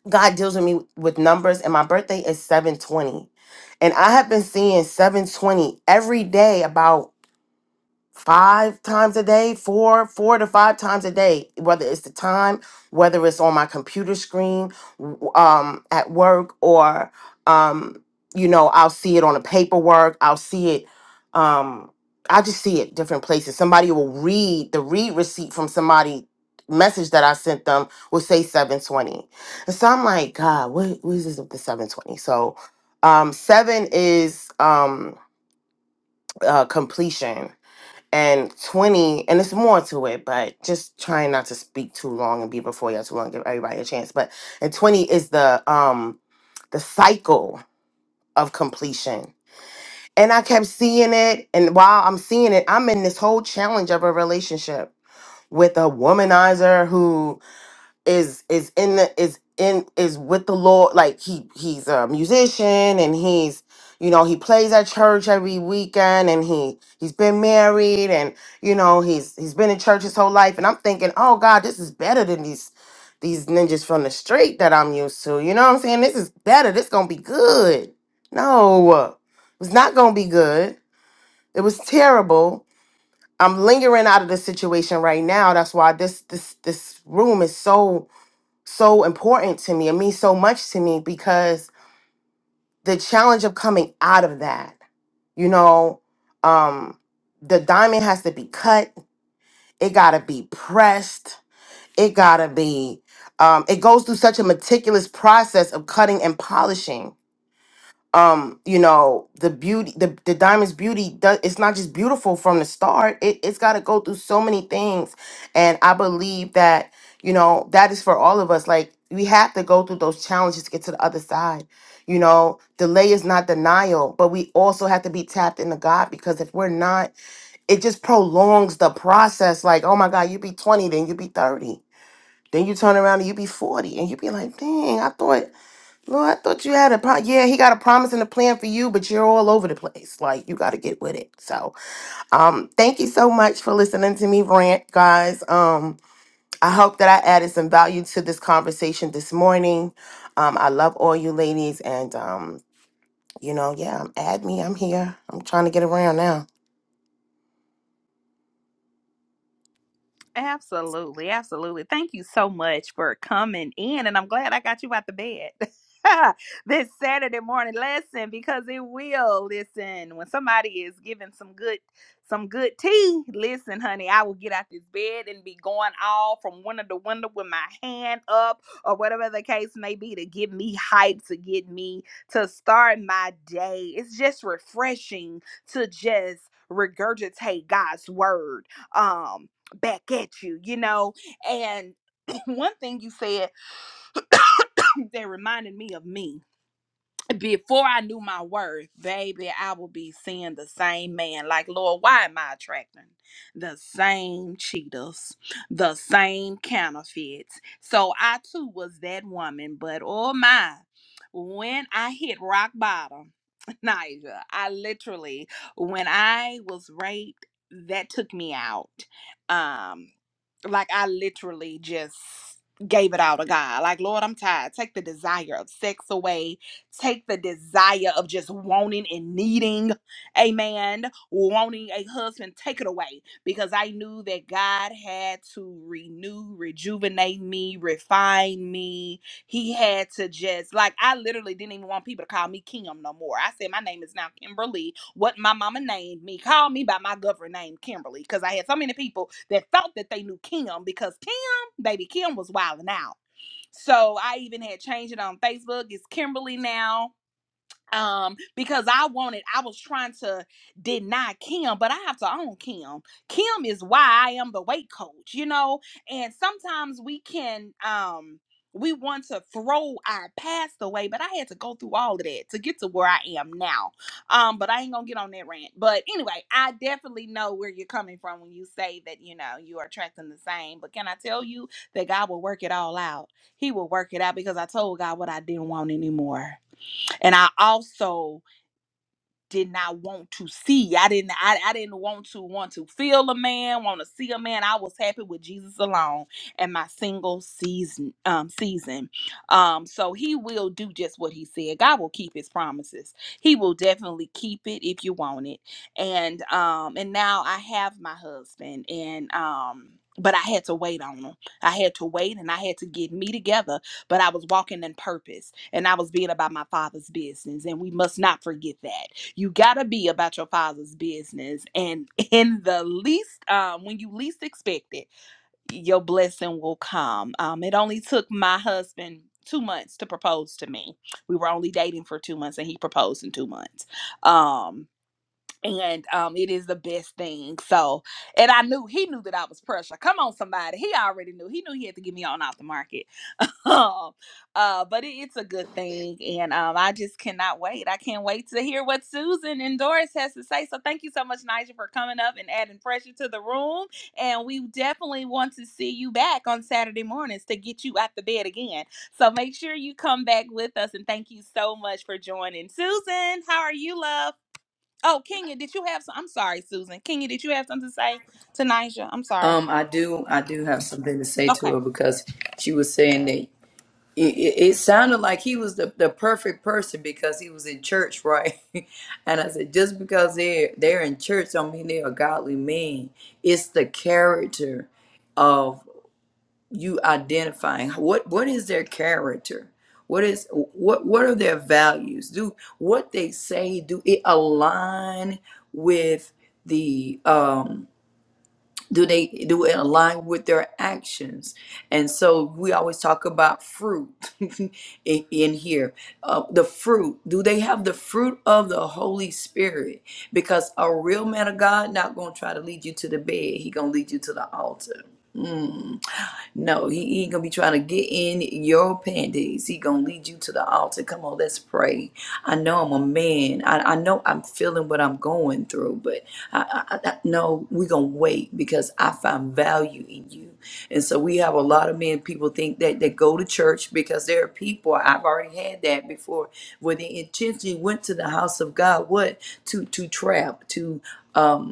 God deals with me with numbers, and my birthday is 720. And I have been seeing 720 every day about five times a day, four, four to five times a day, whether it's the time, whether it's on my computer screen, w- um, at work, or um, you know, I'll see it on the paperwork, I'll see it, um, I just see it different places. Somebody will read the read receipt from somebody message that I sent them will say 720. And so I'm like, God, what, what is this with the 720? So um seven is um uh completion and 20 and it's more to it but just trying not to speak too long and be before y'all too long give everybody a chance but and 20 is the um the cycle of completion and i kept seeing it and while i'm seeing it i'm in this whole challenge of a relationship with a womanizer is is in the is in is with the Lord. Like he he's a musician and he's you know he plays at church every weekend and he he's been married and you know he's he's been in church his whole life and I'm thinking oh God this is better than these these ninjas from the street that I'm used to you know what I'm saying this is better this gonna be good no it's not gonna be good it was terrible I'm lingering out of this situation right now that's why this this this room is so so important to me. It means so much to me because the challenge of coming out of that, you know, um, the diamond has to be cut. It gotta be pressed. It gotta be. Um, it goes through such a meticulous process of cutting and polishing um you know the beauty the, the diamond's beauty does it's not just beautiful from the start it, it's got to go through so many things and i believe that you know that is for all of us like we have to go through those challenges to get to the other side you know delay is not denial but we also have to be tapped into god because if we're not it just prolongs the process like oh my god you be 20 then you be 30 then you turn around and you be 40 and you be like dang i thought no, I thought you had a pro- yeah. He got a promise and a plan for you, but you're all over the place. Like you got to get with it. So, um, thank you so much for listening to me rant, guys. Um, I hope that I added some value to this conversation this morning. Um, I love all you ladies, and um, you know, yeah, add me. I'm here. I'm trying to get around now.
Absolutely, absolutely. Thank you so much for coming in, and I'm glad I got you out the bed this Saturday morning lesson because it will listen when somebody is giving some good some good tea. Listen, honey, I will get out this bed and be going all from window to window with my hand up or whatever the case may be to get me hyped to get me to start my day. It's just refreshing to just regurgitate God's word. Um back at you, you know. And one thing you said that reminded me of me. Before I knew my worth, baby, I would be seeing the same man. Like, Lord, why am I attracting the same cheaters, the same counterfeits? So I too was that woman. But oh my, when I hit rock bottom, Nigel, I literally, when I was raped, that took me out. Um, like I literally just gave it all to God. Like, Lord, I'm tired. Take the desire of sex away. Take the desire of just wanting and needing a man, wanting a husband. Take it away because I knew that God had to renew, rejuvenate me, refine me he had to just like I literally didn't even want people to call me Kim no more. I said my name is now Kimberly. What my mama named me, call me by my government name Kimberly, because I had so many people that thought that they knew Kim because Kim, baby Kim, was wilding out. So I even had changed it on Facebook. It's Kimberly now um because i wanted i was trying to deny kim but i have to own kim kim is why i am the weight coach you know and sometimes we can um we want to throw our past away but i had to go through all of that to get to where i am now um but i ain't gonna get on that rant but anyway i definitely know where you're coming from when you say that you know you are attracting the same but can i tell you that god will work it all out he will work it out because i told god what i didn't want anymore and I also did not want to see. I didn't I, I didn't want to want to feel a man, want to see a man. I was happy with Jesus alone and my single season um season. Um so he will do just what he said. God will keep his promises. He will definitely keep it if you want it. And um and now I have my husband and um but I had to wait on him. I had to wait and I had to get me together, but I was walking in purpose and I was being about my father's business. And we must not forget that you gotta be about your father's business and in the least um when you least expect it your blessing will come um it only took my husband two months to propose to me we were only dating for two months and he proposed in two months um and um, it is the best thing. So, and I knew he knew that I was pressure. Come on, somebody. He already knew. He knew he had to get me on off the market. um, uh, but it, it's a good thing, and um, I just cannot wait. I can't wait to hear what Susan and Doris has to say. So, thank you so much, Nigel, for coming up and adding pressure to the room. And we definitely want to see you back on Saturday mornings to get you out the bed again. So, make sure you come back with us. And thank you so much for joining, Susan. How are you, love? Oh, Kenya, did you have some? I'm sorry, Susan. Kenya, did you have something to say to Nigel? I'm sorry.
Um, I do, I do have something to say to
Okay.
her because she was saying that. it, it it sounded like he was the, the perfect person because he was in church, right? and I said, just because they're they're in church don't mean they're a godly man. It's the character of you identifying what what is their character? What is what what are their values? Do what they say, do it align with the um do they do it align with their actions and so we always talk about fruit in, in here uh, the fruit do they have the fruit of the holy spirit because a real man of god not going to try to lead you to the bed he going to lead you to the altar no, he, he ain't gonna be trying to get in your panties. He gonna lead you to the altar. Come on, let's pray. I know I'm a man. I, I know I'm feeling what I'm going through, but I, I, I no, we gonna wait because I find value in you. And so we have a lot of men. People think that they go to church because there are people. I've already had that before, where they intentionally went to the house of God. What to to trap to. um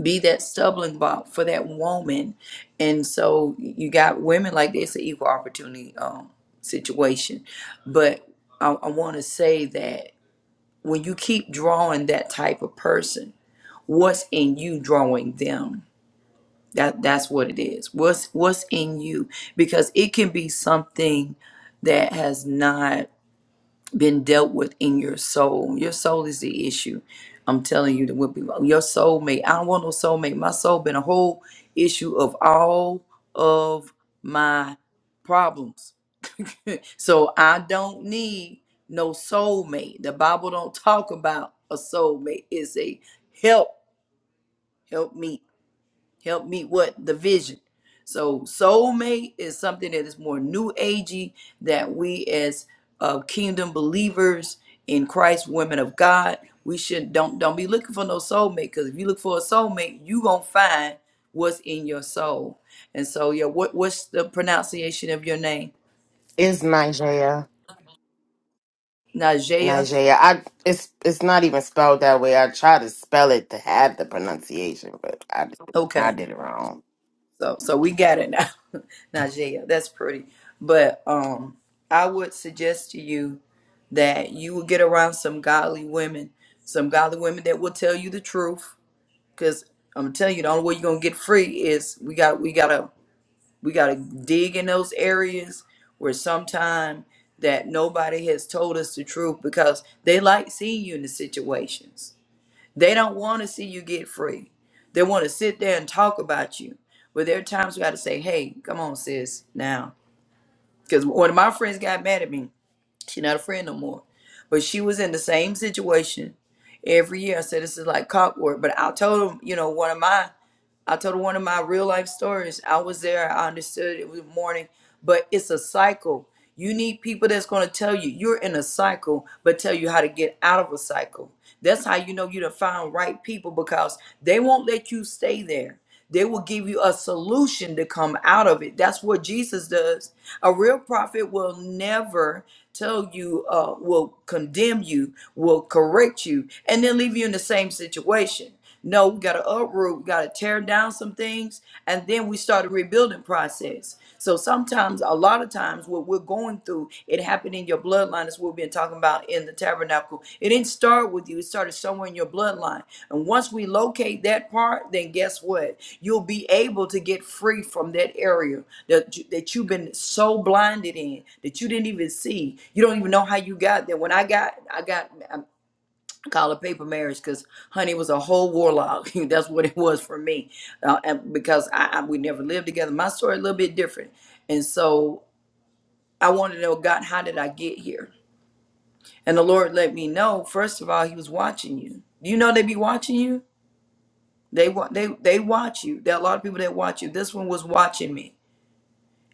be that stumbling block for that woman. And so you got women like this, an equal opportunity um, situation. But I, I want to say that when you keep drawing that type of person, what's in you drawing them? That that's what it is. What's what's in you? Because it can be something that has not been dealt with in your soul. Your soul is the issue. I'm telling you that would be your soulmate. I don't want no soulmate. My soul been a whole issue of all of my problems. so I don't need no soulmate. The Bible don't talk about a soulmate. It's a help, help help me, what the vision so soulmate is something that is more new agey that we as uh, kingdom believers in christ women of god we should don't don't be looking for no soulmate because if you look for a soulmate you gonna find what's in your soul and so yeah what what's the pronunciation of your name
Is Nigeria?
najea
Nigeria. I it's it's not even spelled that way. I try to spell it to have the pronunciation, but I I
okay
did it wrong.
So so we got it now. Najee, that's pretty. But um I would suggest to you that you will get around some godly women, some godly women that will tell you the truth. Cause I'm telling you, the only way you're gonna get free is we got we gotta we gotta dig in those areas where sometime that nobody has told us the truth because they like seeing you in the situations they don't want to see you get free. They want to sit there and talk about you. But there are times we got to say, hey, come on, sis, now. Because one of my friends got mad at me. She's not a friend no more. But she was in the same situation every year. I said this is like clockwork. But I told him, you know, one of my I told her one of my real life stories. I was there, I understood it was morning, but it's a cycle. You need people that's gonna tell you you're in a cycle, but tell you how to get out of a cycle. That's how you know you done found right people because they won't let you stay there. They will give you a solution to come out of it. That's what Jesus does a real prophet will never tell you, uh, will condemn you, will correct you, and then leave you in the same situation. No, we got to uproot, we got to tear down some things, and then we start a rebuilding process. So sometimes, a lot of times, what we're going through, it happened in your blood bloodline is what we've been talking about in the tabernacle. It didn't start with you, it started somewhere in your bloodline. And once we locate that part, then guess what? You'll be able to get free from that area that, you- that you've been so blinded in that you didn't even see. You don't even know how you got there. When I got, I got, I call it paper marriage because, honey, it was a whole warlock. That's what it was for me. Uh, and because I, I, we never lived together. My story a little bit different. And so I want to know, God, how did I get here? And the Lord let me know, first of all, He was watching you. Do you know they be watching you? They wa- they they watch you. There are a lot of people that watch you. This one was watching me,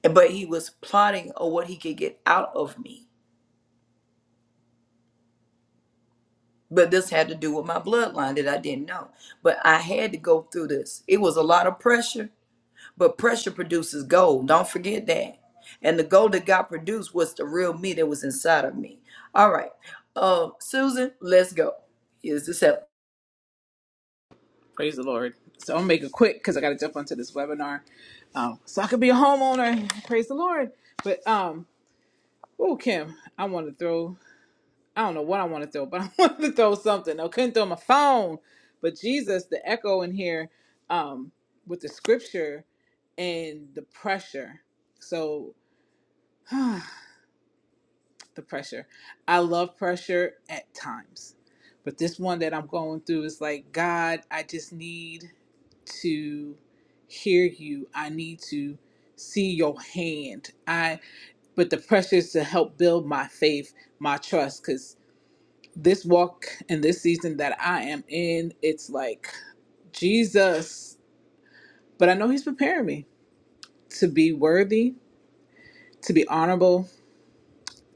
and but he was plotting on what he could get out of me. But this had to do with my bloodline that I didn't know. But I had to go through this. It was a lot of pressure, but pressure produces gold. Don't forget that. And the gold that God produced was the real me that was inside of me. All right, uh, Susan, let's go. Here's the seven.
Praise the Lord. So I'm gonna make it quick because I gotta jump onto this webinar. Um, so I could be a homeowner. Praise the Lord. But um, oh Kim, I wanna throw I don't know what I wanna throw, but I wanted to throw something. I couldn't throw my phone. But Jesus, the echo in here, um, with the scripture and the pressure. So the pressure. I love pressure at times. But this one that I'm going through is like, God, I just need to hear you. I need to see your hand. I but the pressure is to help build my faith, my trust cuz this walk and this season that I am in, it's like Jesus, but I know he's preparing me to be worthy, to be honorable,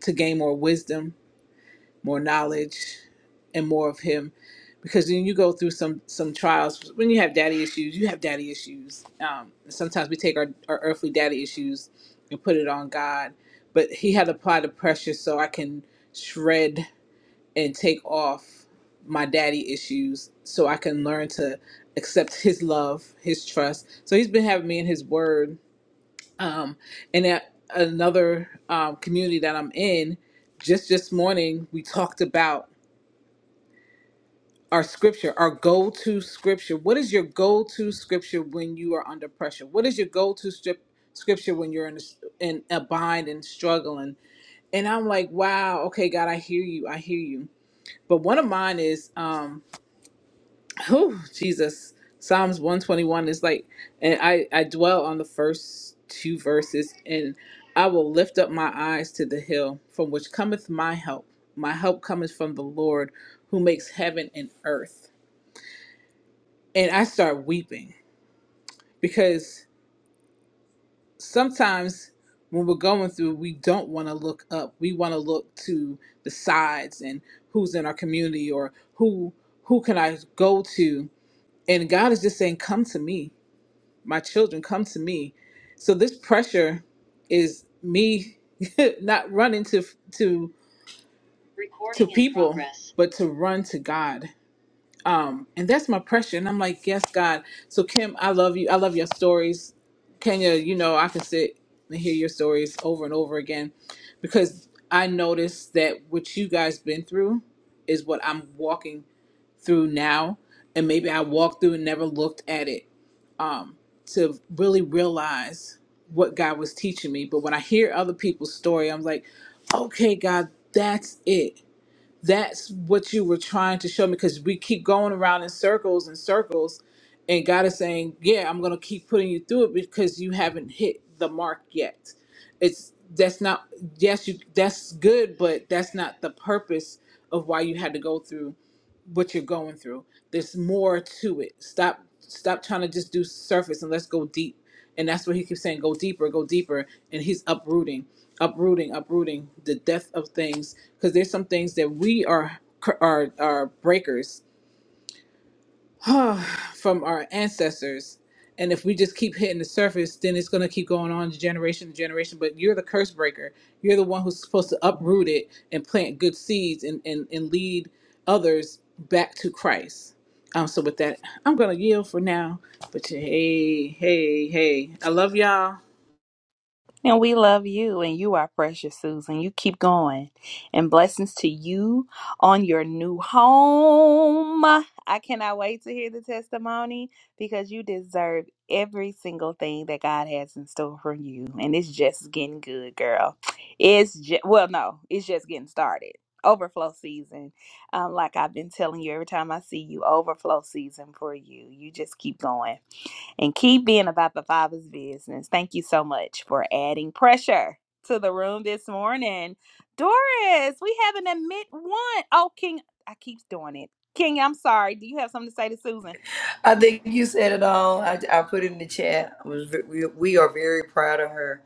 to gain more wisdom, more knowledge and more of him because then you go through some some trials when you have daddy issues you have daddy issues um, sometimes we take our, our earthly daddy issues and put it on god but he had applied the pressure so i can shred and take off my daddy issues so i can learn to accept his love his trust so he's been having me in his word um, and at another um, community that i'm in just this morning we talked about our scripture, our go to scripture. What is your go to scripture when you are under pressure? What is your go to strip scripture when you're in a, in a bind and struggling? And I'm like, wow, okay, God, I hear you, I hear you. But one of mine is, um, whew, Jesus, Psalms 121 is like, and I I dwell on the first two verses, and I will lift up my eyes to the hill from which cometh my help. My help cometh from the Lord, who makes heaven and earth and I start weeping because sometimes when we're going through, we don't want to look up. We want to look to the sides and who's in our community or who who can I go to. And God is just saying, "Come to me, my children, come to me." So this pressure is me not running to to to people, but to run to God Um, and that's my pressure. And I'm like, yes, God. So Kim, I love you. I love your stories. Kenya, you know, I can sit and hear your stories over and over again because I noticed that what you guys been through is what I'm walking through now. And maybe I walked through and never looked at it um, to really realize what God was teaching me. But when I hear other people's story, I'm like, okay, God, that's it that's what you were trying to show me because we keep going around in circles and circles and god is saying yeah i'm going to keep putting you through it because you haven't hit the mark yet it's that's not yes you that's good but that's not the purpose of why you had to go through what you're going through there's more to it stop stop trying to just do surface and let's go deep and that's where he keeps saying go deeper go deeper and he's uprooting uprooting uprooting the depth of things because there's some things that we are are are breakers from our ancestors and if we just keep hitting the surface then it's going to keep going on generation to generation but you're the curse breaker you're the one who's supposed to uproot it and plant good seeds and and, and lead others back to christ um so with that i'm going to yield for now but hey hey hey i love y'all
And we love you, and you are precious, Susan. You keep going. And blessings to you on your new home. I cannot wait to hear the testimony because you deserve every single thing that God has in store for you. And it's just getting good, girl. It's just, well, no, it's just getting started. Overflow season. Um, like I've been telling you every time I see you, overflow season for you. You just keep going and keep being about the Father's business. Thank you so much for adding pressure to the room this morning. Doris, we have a mid one. Oh, King, I keep doing it. King, I'm sorry. Do you have something to say to Susan?
I think you said it all. I, I put it in the chat. I was, ve- we, we are very proud of her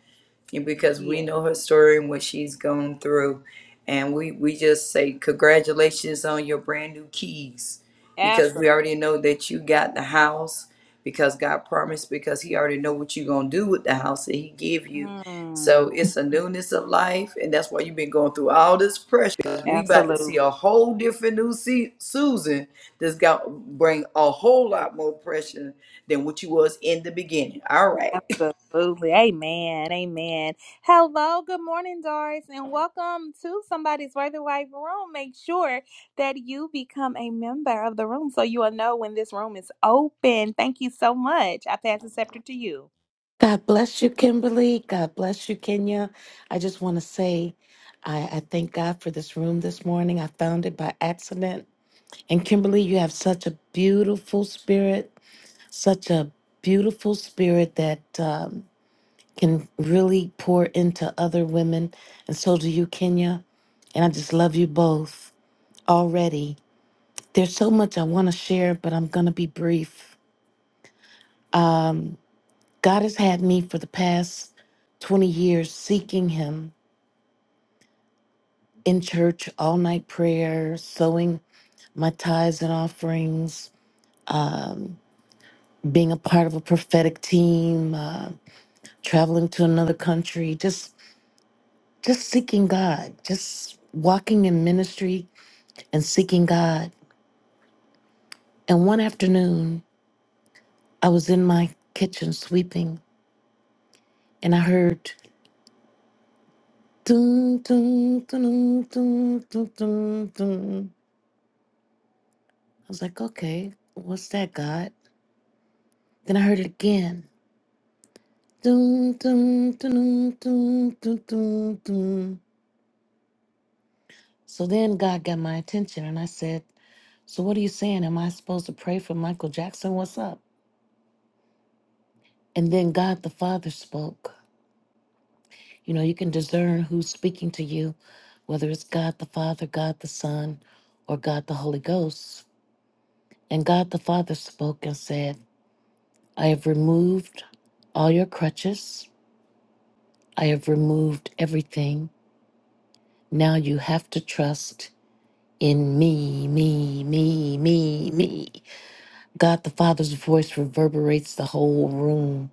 because we
Yeah,
know her story and what she's gone through. And we, we just say, congratulations on your brand new keys because we
absolutely.
already know that you got the house because God promised because he already know what you're going to do with the house that he give you. So it's a newness of life. And that's why you've been going through all this pressure because we about to
absolutely.
see a whole different new Se- Susan that's got bring a whole lot more pressure than what you was in the beginning. All right.
Absolutely. Amen. Amen. Hello. Good morning, Doris, and welcome to somebody's Worthy Wife room. Make sure that you become a member of the room so you will know when this room is open. Thank you so much. I pass the scepter to you.
God bless you, Kimberly. God bless you, Kenya. I just want to say I, I thank God for this room this morning. I found it by accident. And Kimberly, you have such a beautiful spirit, such a beautiful spirit that um, can really pour into other women. And so do you, Kenya. And I just love you both already. There's so much I want to share, but I'm going to be brief. God has had me for the past 20 years seeking Him in church, all night prayer, sowing my tithes and offerings, being a part of a prophetic team, uh, traveling to another country, just just seeking God, just walking in ministry and seeking God. And one afternoon, I was in my kitchen sweeping, and I heard. Dun, dun, dun, dun, dun, dun, dun. I was like, okay, what's that, God? Then I heard it again. Dun, dun, dun, dun, dun, dun, dun. So then God got my attention and I said, So what are you saying? Am I supposed to pray for Michael Jackson? What's up? And then God the Father spoke. You know, you can discern who's speaking to you, whether it's God the Father, God the Son, or God the Holy Ghost. And God the Father spoke and said, I have removed all your crutches, I have removed everything. Now you have to trust in me, me, me, me, me. God the Father's voice reverberates the whole room.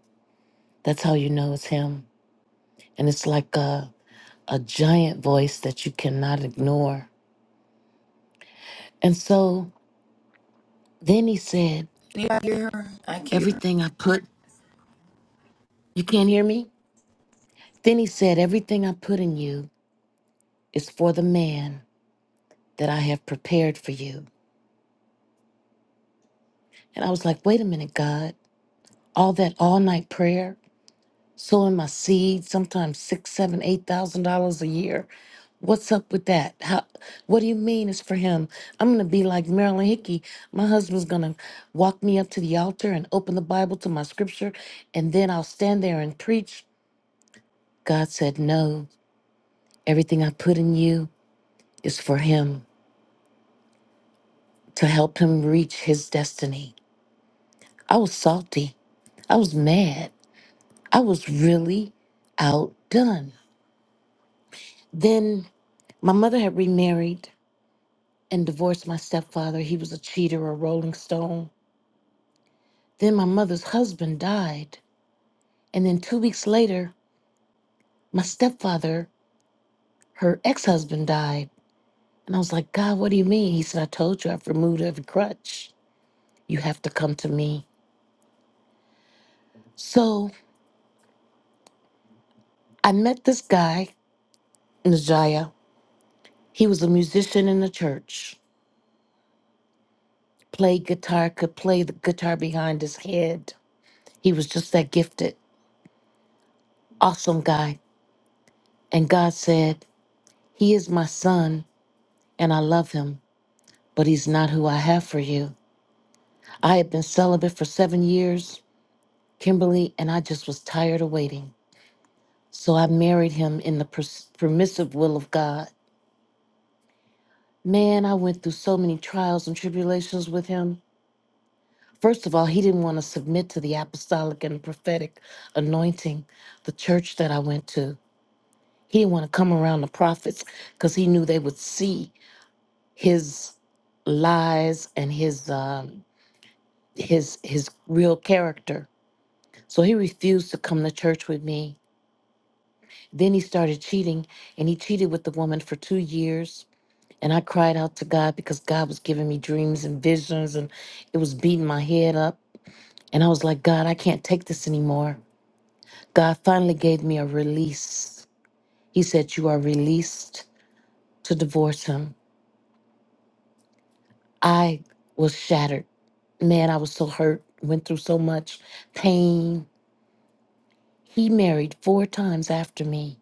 That's how you know it's Him. And it's like a, a giant voice that you cannot ignore. And so then He said,
Anybody hear her? I can't.
Everything I put, you can't hear me? Then He said, Everything I put in you is for the man that I have prepared for you. And I was like, Wait a minute, God. All that all night prayer, sowing my seeds, sometimes six, seven, eight thousand dollars a year. What's up with that? How? What do you mean it's for him? I'm gonna be like Marilyn Hickey. My husband's gonna walk me up to the altar and open the Bible to my scripture, and then I'll stand there and preach. God said, "No, everything I put in you is for him to help him reach his destiny." I was salty. I was mad. I was really outdone. Then my mother had remarried and divorced my stepfather. He was a cheater, a rolling stone. Then my mother's husband died. And then two weeks later, my stepfather, her ex husband, died. And I was like, God, what do you mean? He said, I told you I've removed every crutch. You have to come to me. So I met this guy, Najaya. He was a musician in the church, played guitar, could play the guitar behind his head. He was just that gifted, awesome guy. And God said, He is my son. and I love him, but he's not who I have for you. I had been celibate for seven years, Kimberly, and I just was tired of waiting. So I married him in the pers- permissive will of God. Man, I went through so many trials and tribulations with him. First of all, he didn't want to submit to the apostolic and prophetic anointing, the church that I went to. He didn't want to come around the prophets because he knew they would see his lies and his um, his his real character So he refused to come to church with me. Then he started cheating, and he cheated with the woman for two years. And I cried out to God because God was giving me dreams and visions, and it was beating my head up. And I was like, God, I can't take this anymore. God finally gave me a release. He said, You are released to divorce him. I was shattered. Man, I was so hurt, went through so much pain. He married four times after me.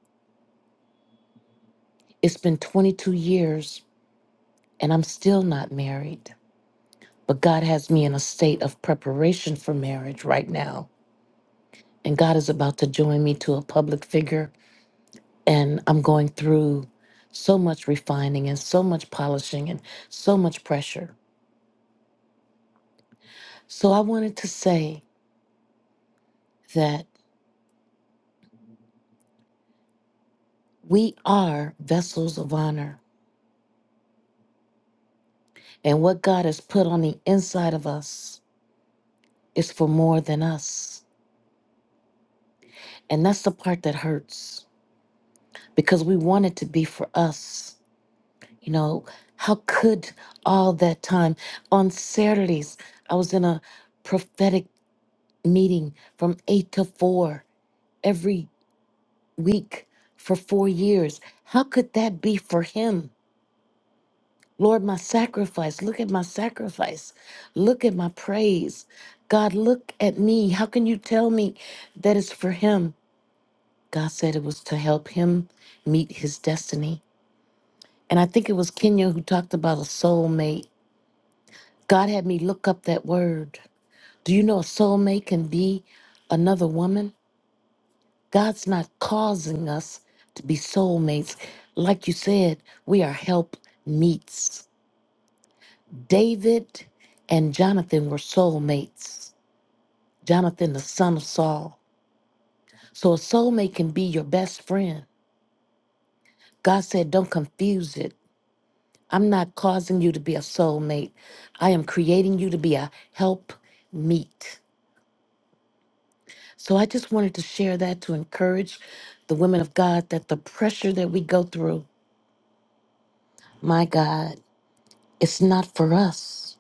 It's been 22 years and I'm still not married. But God has me in a state of preparation for marriage right now. And God is about to join me to a public figure. And I'm going through so much refining and so much polishing and so much pressure. So I wanted to say that we are vessels of honor. And what God has put on the inside of us is for more than us. And that's the part that hurts because we want it to be for us You know, how could all that time on Saturdays, I was in a prophetic meeting from eight to four every week for four years. How could that be for him? Lord, my sacrifice. Look at my sacrifice. Look at my praise. God, look at me. How can you tell me that it's for him? God said it was to help him meet his destiny. And I think it was Kenya who talked about a soulmate God had me look up that word. Do you know a soulmate can be another woman? God's not causing us to be soulmates. Like you said, we are help meets. David and Jonathan were soulmates. Jonathan, the son of Saul. So a soulmate can be your best friend. God said, don't confuse it. I'm not causing you to be a soulmate. I am creating you to be a help meet. So I just wanted to share that to encourage the women of God that the pressure that we go through, my God, it's not for us.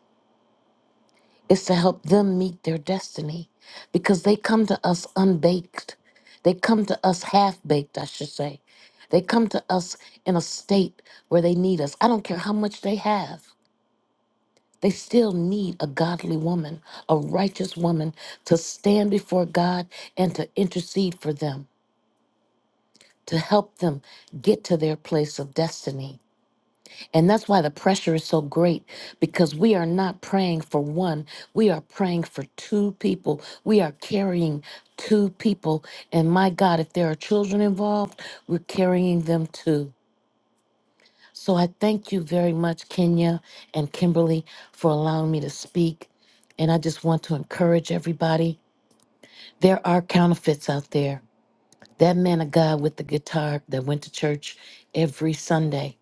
It's to help them meet their destiny because they come to us unbaked. They come to us half baked, I should say. They come to us in a state where they need us. I don't care how much they have. They still need a godly woman, a righteous woman to stand before God and to intercede for them. to help them get to their place of destiny. And that's why the pressure is so great because we are not praying for one, we are praying for two people. We are carrying two people. And my God, if there are children involved, we're carrying them too. So I thank you very much, Kenya and Kimberly, for allowing me to speak. And I just want to encourage everybody there are counterfeits out there. That man of God with the guitar that went to church every Sunday.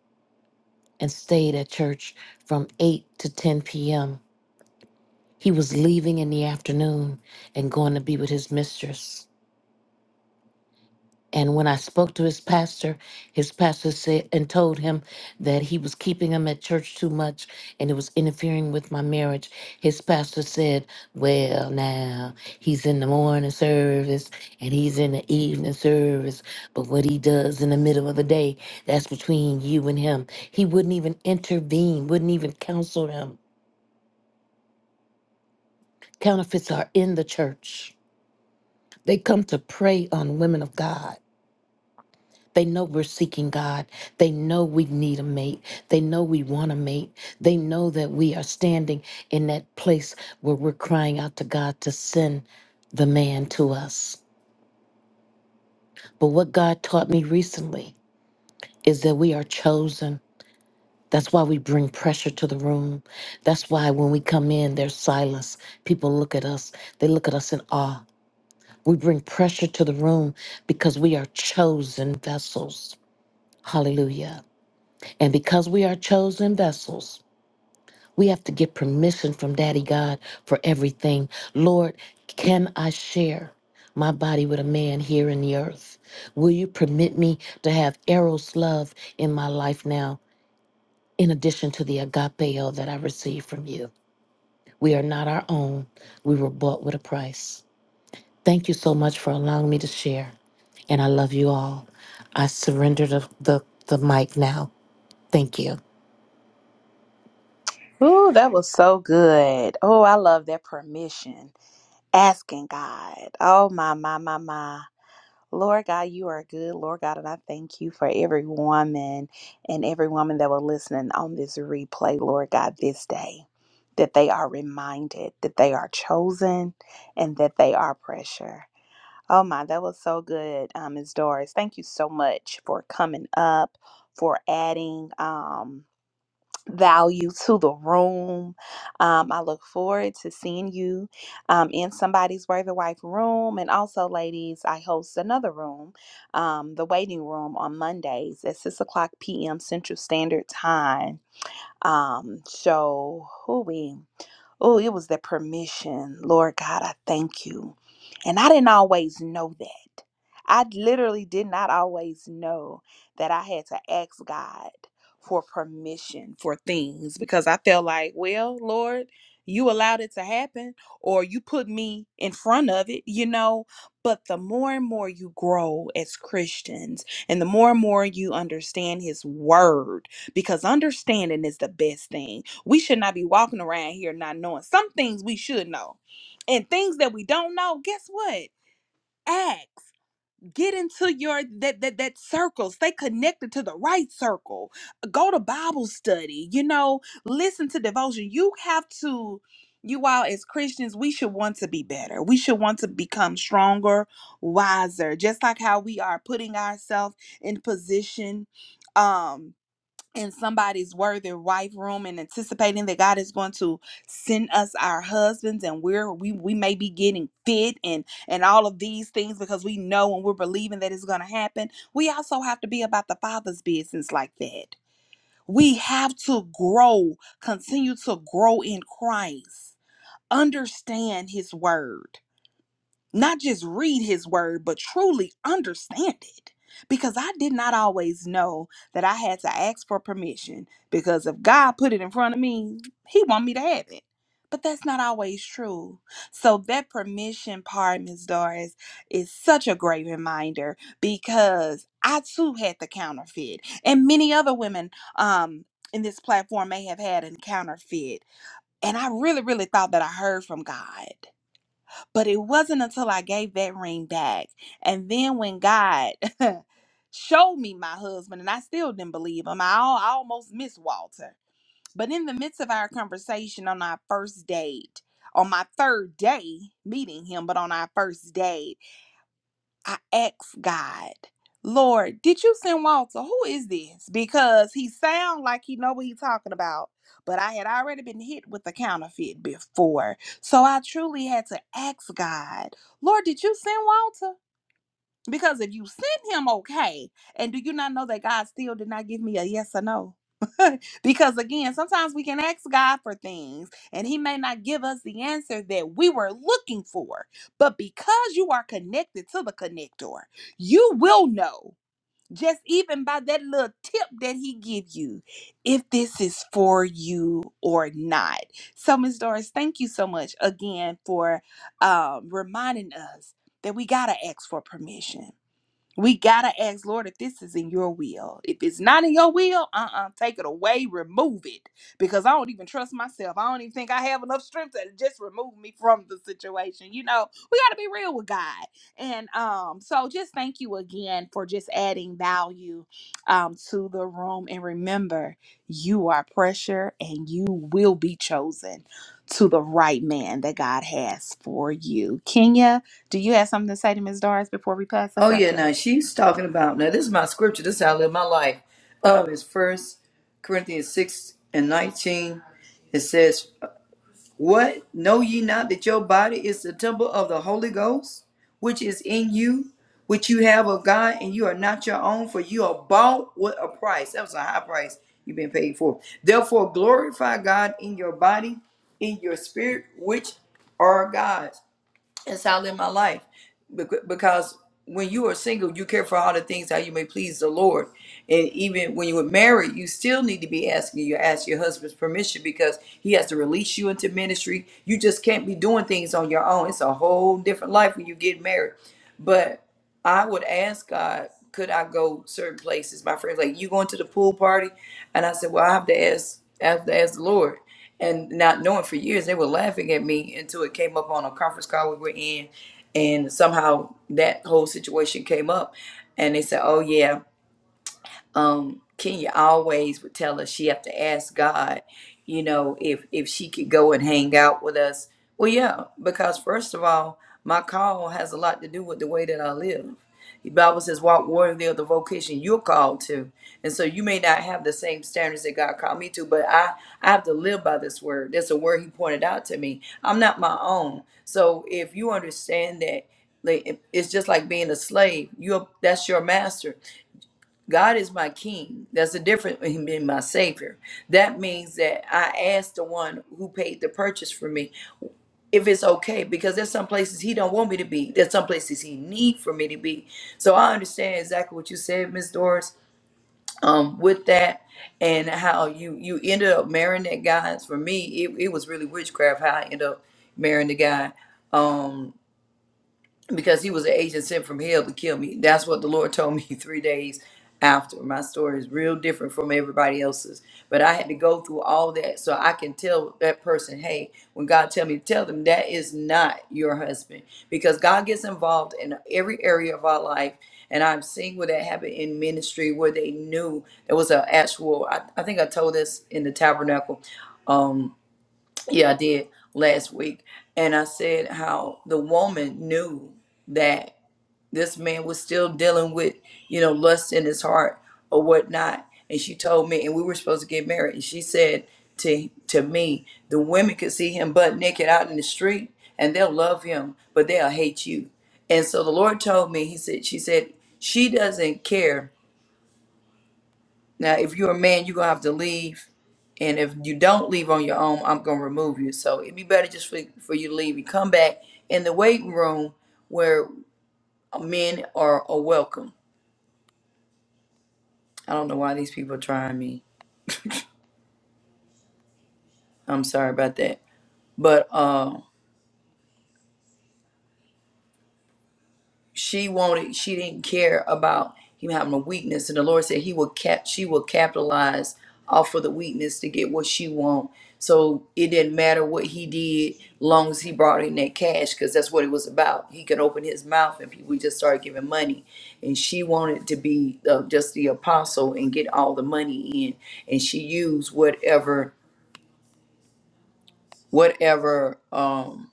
and stayed at church from 8 to 10 p.m. He was leaving in the afternoon and going to be with his mistress. And when I spoke to his pastor, his pastor said and told him that he was keeping him at church too much and it was interfering with my marriage. His pastor said, Well, now he's in the morning service and he's in the evening service, but what he does in the middle of the day, that's between you and him. He wouldn't even intervene, wouldn't even counsel him. Counterfeits are in the church. They come to prey on women of God. They know we're seeking God. They know we need a mate. They know we want a mate. They know that we are standing in that place where we're crying out to God to send the man to us. But what God taught me recently is that we are chosen. That's why we bring pressure to the room. That's why when we come in, there's silence. People look at us, they look at us in awe. We bring pressure to the room because we are chosen vessels. Hallelujah. And because we are chosen vessels, we have to get permission from Daddy God for everything. Lord, can I share my body with a man here in the earth? Will you permit me to have Eros love in my life now, in addition to the agapeo that I received from you? We are not our own. We were bought with a price. Thank you so much for allowing me to share. And I love you all. I surrender the, the, the mic now. Thank you.
Ooh, that was so good. Oh, I love that permission. Asking God. Oh, my, my, my, my. Lord God, you are good, Lord God, and I thank you for every woman and every woman that will listen on this replay, Lord God, this day, that they are reminded that they are chosen and that they are precious. Oh my, that was so good, um, Ms. Doris. Thank you so much for coming up, for adding. Um, value to the room. Um, I look forward to seeing you um, in somebody's worthy wife room. And also, ladies, I host another room, um, the waiting room, on Mondays at 6 o'clock p.m. Central Standard Time. Um, so, who we? Oh, it was the permission. Lord God, I thank you. And I didn't always know that. I literally did not always know that I had to ask God for permission for things because I felt like, well, Lord, you allowed it to happen or you put me in front of it, you know. But the more and more you grow as Christians and the more and more you understand His Word, because understanding is the best thing we should not be walking around here not knowing some things we should know and things that we don't know guess what act get into your that that that circle stay connected to the right circle go to bible study you know listen to devotion you have to you all as christians we should want to be better we should want to become stronger wiser just like how we are putting ourselves in position um, in somebody's worthy wife room and anticipating that God is going to send us our husbands and we're we we may be getting fit and and all of these things because we know and we're believing that it's going to happen. We also have to be about the father's business like that. We have to grow, continue to grow in Christ. Understand his word not just read his word, but truly understand it. Because I did not always know that I had to ask for permission because if God put it in front of me, he want me to have it. But that's not always true. So that permission part, Miss Doris, is such a great reminder because I too had the counterfeit. And many other women um in this platform may have had a counterfeit. And I really, really thought that I heard from God. But it wasn't until I gave that ring back. And then when God showed me my husband, and I still didn't believe him, I, al- I almost missed Walter. But in the midst of our conversation on our first date, on my third day meeting him, but on our first date, I asked God, Lord, did you send Walter? Who is this? Because he sound like he know what he talking about. But I had already been hit with the counterfeit before. So I truly had to ask God, Lord, did you send Walter? Because if you sent him okay, and do you not know that God still did not give me a yes or no? because again, sometimes we can ask God for things and he may not give us the answer that we were looking for. But because you are connected to the connector, you will know just even by that little tip that he give you if this is for you or not. So Ms. Doris, thank you so much again for um, reminding us that we got to ask for permission we gotta ask, Lord, if this is in your will. If it's not in your will, uh-uh, take it away, remove it. Because I don't even trust myself. I don't even think I have enough strength to just remove me from the situation. You know, we gotta be real with God. And um, so just thank you again for just adding value um to the room. And remember, you are pressure and you will be chosen to the right man that God has for you. Kenya, do you have something to say to Ms. Doris before we pass the
Oh yeah,
scepter?
now she's talking about now this is my scripture, this is how I live my life. Um it's first Corinthians six and nineteen. It says, What know ye not that your body is the temple of the Holy Ghost, which is in you, which you have of God, and you are not your own, for you are bought with a price. That was a high price you've been paid for. Therefore glorify God in your body, in your spirit, which are God's. That's how I live my life. Bec- Because when you are single, you care for all the things how you may please the Lord. And even when you were married, you still need to be asking you ask your husband's permission because he has to release you into ministry. You just can't be doing things on your own. It's a whole different life when you get married. But I would ask God, could I go certain places? My friends like, you going to the pool party? And I said, Well, I have to ask I have to ask the Lord and not knowing for years they were laughing at me until it came up on a conference call we were in and somehow that whole situation came up and they said oh yeah um, Kenya always would tell us she have to ask God, you know, if if she could go and hang out with us. Well, yeah, because first of all, my call has a lot to do with the way that I live. The Bible says, "Walk worthy of the vocation you're called to," and so you may not have the same standards that God called me to, but I I have to live by this word. That's a word He pointed out to me. I'm not my own. So if you understand that, like, it- it's just like being a slave. You are that's your master God is my king. That's the difference with him being my savior. That means that I asked the one who paid the purchase for me if it's okay, because there's some places he don't want me to be. There's some places he need for me to be. So I understand exactly what you said, Miss Doris, um, with that and how you you ended up marrying that guy. As For me, it, it was really witchcraft how I ended up marrying the guy. Um, because he was an agent sent from hell to kill me. That's what the Lord told me three days after. My story is real different from everybody else's, but I had to go through all that so I can tell that person, hey, when God tell me to tell them that is not your husband, because God gets involved in every area of our life. And I've seen where that happened in ministry, where they knew it was an actual. I, I think I told this in the tabernacle. Um, yeah, I did last week. And I said how the woman knew that this man was still dealing with, you know, lust in his heart or whatnot. And she told me, and we were supposed to get married. And she said to to me, the women could see him butt naked out in the street and they'll love him, but they'll hate you. And so the Lord told me, He said, She said, she doesn't care. Now, if you're a man, you're gonna have to leave and if you don't leave on your own, I'm gonna remove you. So it'd be better just for, for you to leave You come back in the waiting room where men are, are welcome. I don't know why these people are trying me. I'm sorry about that. But uh, she wanted she didn't care about him having a weakness and the lord said he will cap she will capitalize off of the weakness to get what she want so it didn't matter what he did long as he brought in that cash because that's what it was about he could open his mouth and people just started giving money and she wanted to be uh, just the apostle and get all the money in and she used whatever whatever um,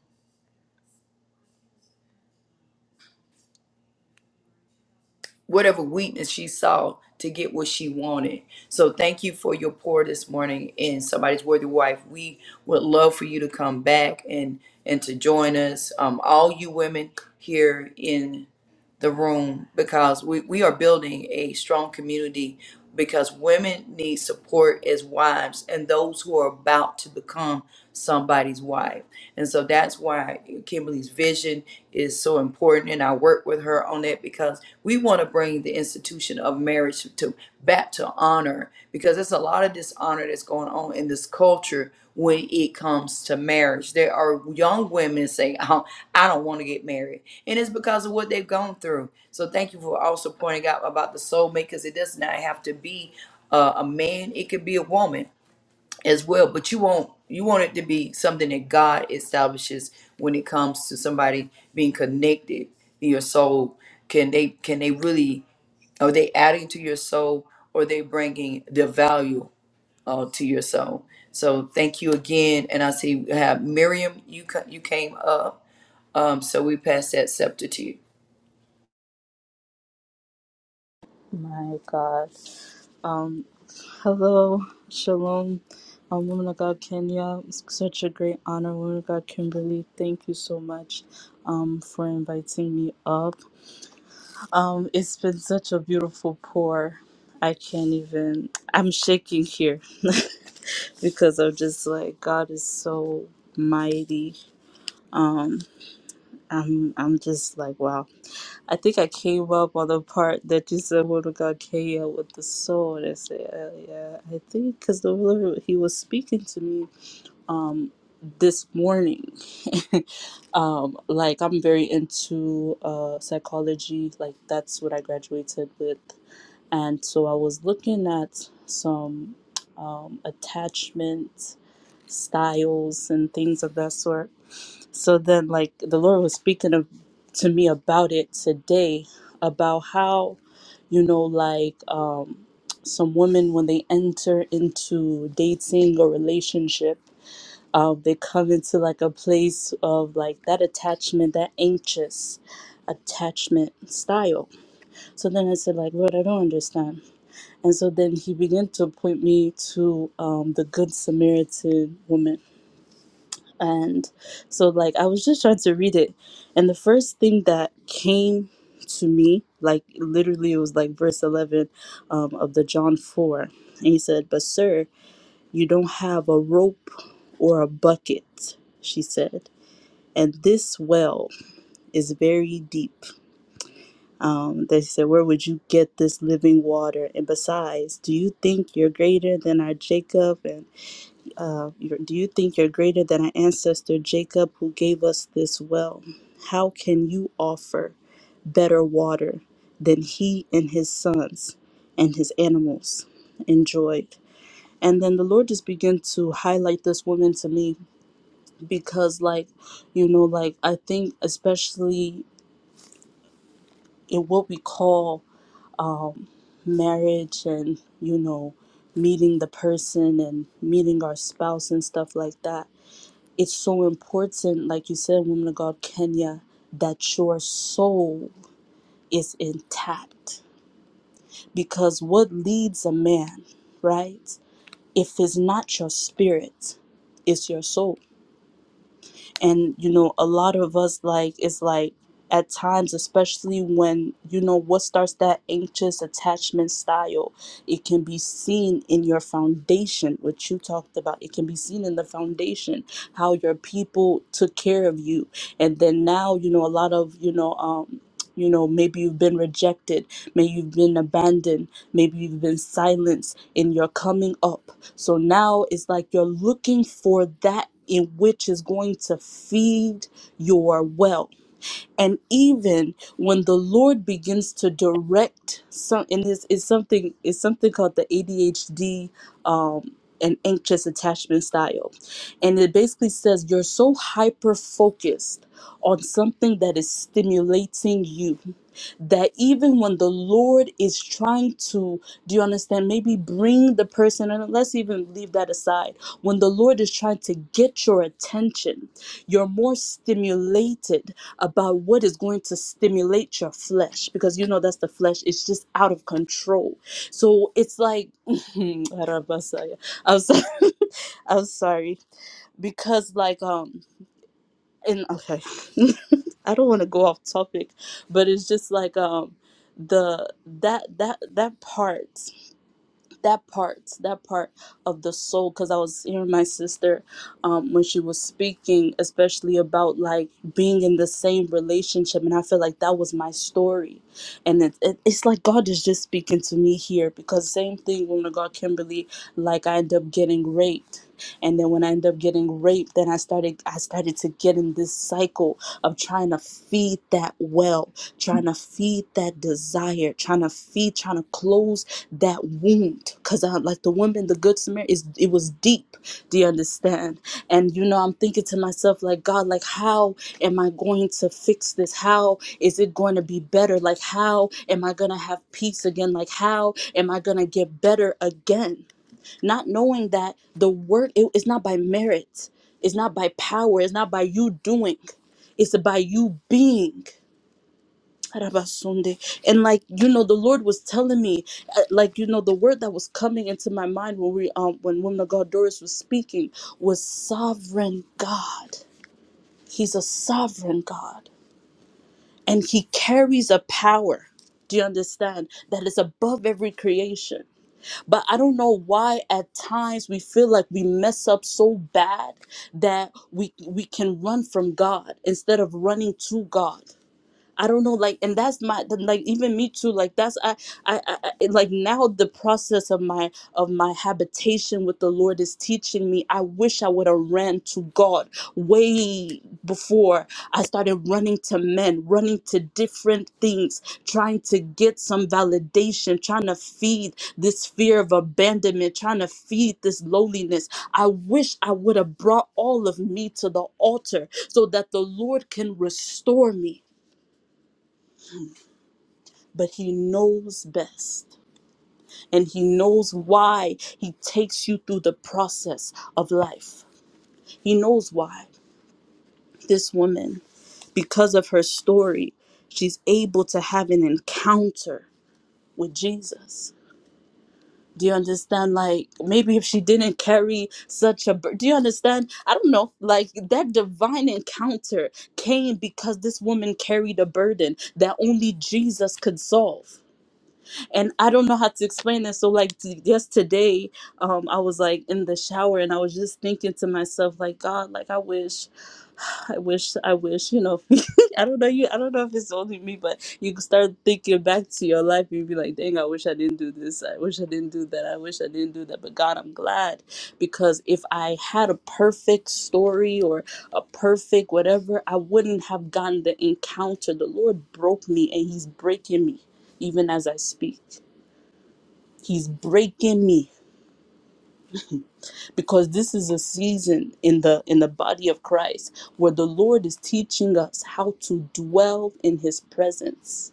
whatever weakness she saw to get what she wanted. So thank you for your pour this morning in somebody's worthy wife. We would love for you to come back and and to join us. Um, all you women here in the room because we, we are building a strong community because women need support as wives and those who are about to become somebody's wife. And so that's why Kimberly's vision is so important. And I work with her on that because we want to bring the institution of marriage to back to honor because there's a lot of dishonor that's going on in this culture when it comes to marriage. There are young women saying, oh, I don't want to get married. And it's because of what they've gone through. So thank you for also pointing out about the soulmate because it does not have to be uh, a man. It could be a woman as well. But you want you want it to be something that God establishes when it comes to somebody being connected in your soul. Can they can they really are they adding to your soul or are they bringing the value uh, to your soul? So thank you again. And I see we have Miriam, you, ca- you came up. Um, so we pass that scepter to you.
My God. Um, hello, Shalom, um, woman of God, Kenya. It's such a great honor, woman of God, Kimberly. Thank you so much um, for inviting me up. Um, it's been such a beautiful pour. I can't even, I'm shaking here because I'm just like, God is so mighty. I'm, I'm just like, wow. I think I came up on the part that you said when we got Kenya with the soul. And I said, uh, yeah, I think because the Lord, he was speaking to me this morning. um, like I'm very into uh, psychology. Like that's what I graduated with, and so I was looking at some um, attachment styles and things of that sort. So then, like the Lord was speaking of, to me about it today, about how, you know, like um, some women when they enter into dating or relationship um, they come into like a place of like that attachment, that anxious attachment style. So then I said, like, Lord, I don't understand. And so then he began to point me to um, the Good Samaritan woman. And so, like, I was just trying to read it. And the first thing that came to me, like, literally, it was like verse 11 um, of the John 4. And he said, But, sir, you don't have a rope or a bucket, she said and this well is very deep. Um, they said, Where would you get this living water? And besides, do you think you're greater than our Jacob? And uh, you're- do you think you're greater than our ancestor Jacob who gave us this well? How can you offer better water than he and his sons and his animals enjoyed? And then the Lord just began to highlight this woman to me because, like, you know like i think especially in what we call um, marriage and you know meeting the person and meeting our spouse and stuff like that it's so important like you said woman of god kenya that your soul is intact because what leads a man right if it's not your spirit it's your soul and you know a lot of us like it's like at times especially when you know what starts that anxious attachment style it can be seen in your foundation which you talked about it can be seen in the foundation how your people took care of you and then now you know a lot of you know um you know maybe you've been rejected maybe you've been abandoned maybe you've been silenced in your coming up so now it's like you're looking for that in which is going to feed your well and even when the lord begins to direct some and this is something is something called the adhd um and anxious attachment style and it basically says you're so hyper focused on something that is stimulating you that even when the lord is trying to do you understand maybe bring the person and let's even leave that aside when the lord is trying to get your attention you're more stimulated about what is going to stimulate your flesh because you know that's the flesh it's just out of control so it's like Arabasaya. i'm sorry i'm sorry because like um and okay i don't want to go off topic but it's just like um the that that that part that part that part of the soul because i was hearing my sister um, when she was speaking especially about like being in the same relationship and i feel like that was my story and it, it, it's like god is just speaking to me here because same thing when i got kimberly like i end up getting raped and then when i end up getting raped then i started i started to get in this cycle of trying to feed that well trying to feed that desire trying to feed trying to close that wound because i like the woman the good samaritan is it was deep do you understand and you know i'm thinking to myself like god like how am i going to fix this how is it going to be better like how am i going to have peace again like how am i going to get better again not knowing that the work it- it's not by merit it's not by power it's not by you doing it's by you being Arabasunde. and like you know the lord was telling me uh, like you know the word that was coming into my mind when we um when woman of god doris was speaking was sovereign god he's a sovereign god and he carries a power do you understand that is above every creation but I don't know why at times we feel like we mess up so bad that we we can run from God instead of running to God. I don't know, like, and that's my then, like even me too. Like that's I, I, I I- like now the process of my of my habitation with the Lord is teaching me. I wish I would have ran to God way before I started running to men, running to different things, trying to get some validation, trying to feed this fear of abandonment, trying to feed this loneliness. I wish I would have brought all of me to the altar so that the Lord can restore me but he knows best and he knows why he takes you through the process of life. He knows why this woman, because of her story, she's able to have an encounter with Jesus. Do you understand? Like, maybe if she didn't carry such a, bur- do you understand? I don't know. Like, that divine encounter came because this woman carried a burden that only Jesus could solve. and I don't know how to explain this. So like t- just today, um, I was like in the shower and I was just thinking to myself, like God, like I wish, I wish, I wish, you know, I don't know you, I don't know if it's only me, but you could start thinking back to your life and be like, dang, I wish I didn't do this, I wish I didn't do that, I wish I didn't do that. But God, I'm glad because if I had a perfect story or a perfect whatever, I wouldn't have gotten the encounter. The Lord broke me and He's breaking me even as I speak he's breaking me because this is a season in the in the body of Christ where the Lord is teaching us how to dwell in his presence.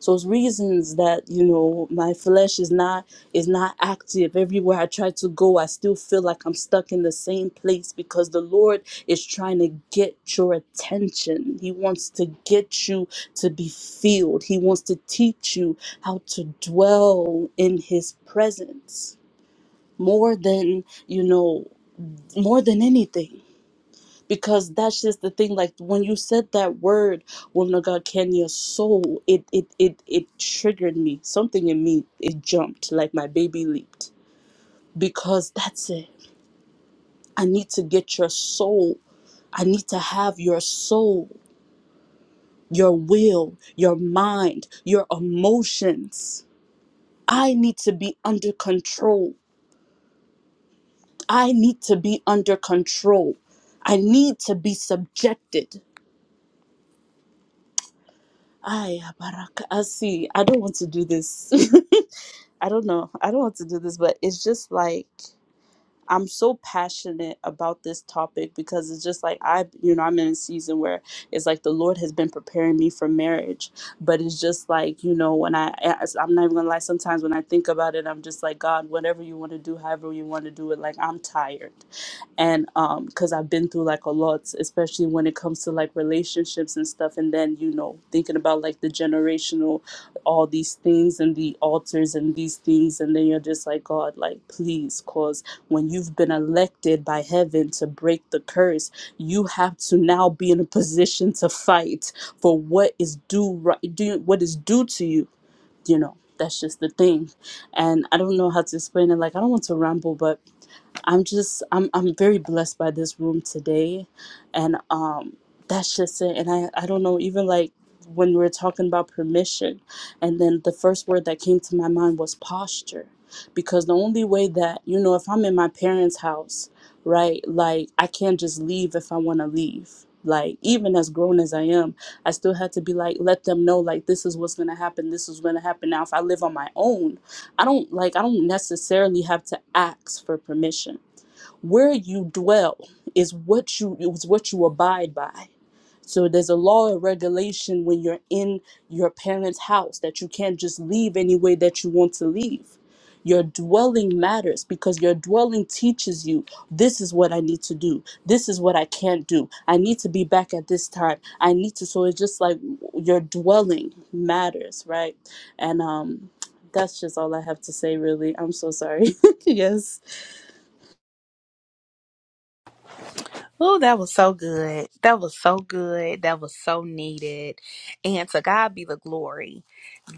So it's reasons that you know my flesh is not is not active everywhere I try to go I still feel like I'm stuck in the same place because the Lord is trying to get your attention. He wants to get you to be filled. He wants to teach you how to dwell in his presence. more than you know more than anything because that's just the thing like when you said that word woman of god kenya soul it it it, it triggered me something in me it jumped like my baby leaped because that's it i need to get your soul i need to have your soul your will your mind your emotions i need to be under control I need to be under control. I need to be subjected. Ay, baraka- I see. I don't want to do this. I don't know. I don't want to do this, but it's just like I'm so passionate about this topic because it's just like I, you know, I'm in a season where it's like the Lord has been preparing me for marriage, but it's just like you know when I, as- I'm not even gonna lie. Sometimes when I think about it, I'm just like God, whatever you want to do, however you want to do it. Like I'm tired, and um, because I've been through like a lot, especially when it comes to like relationships and stuff, and then you know thinking about like the generational, all these things and the altars and these things, and then you're just like God, like please, cause when you've been elected by heaven to break the curse, you have to now be in a position to fight for what is due right due, what is due to you, you know. That's just the thing. And I don't know how to explain it. Like I don't want to ramble, but I'm just I'm I'm very blessed by this room today and um that's just it and I I don't know even like when we were talking about permission and then the first word that came to my mind was posture because the only way that you know if I'm in my parents' house right like I can't just leave if I want to leave like even as grown as I am I still had to be like let them know like this is what's going to happen this is going to happen now if I live on my own I don't like I don't necessarily have to ask for permission where you dwell is what you is what you abide by so there's a law and regulation when you're in your parents house that you can't just leave any way that you want to leave your dwelling matters because your dwelling teaches you this is what I need to do. This is what I can't do. I need to be back at this time. I need to. So it's just like your dwelling matters, right? And um, that's just all I have to say, really. I'm so sorry. yes.
Oh, that was so good. That was so good. That was so needed. And to God be the glory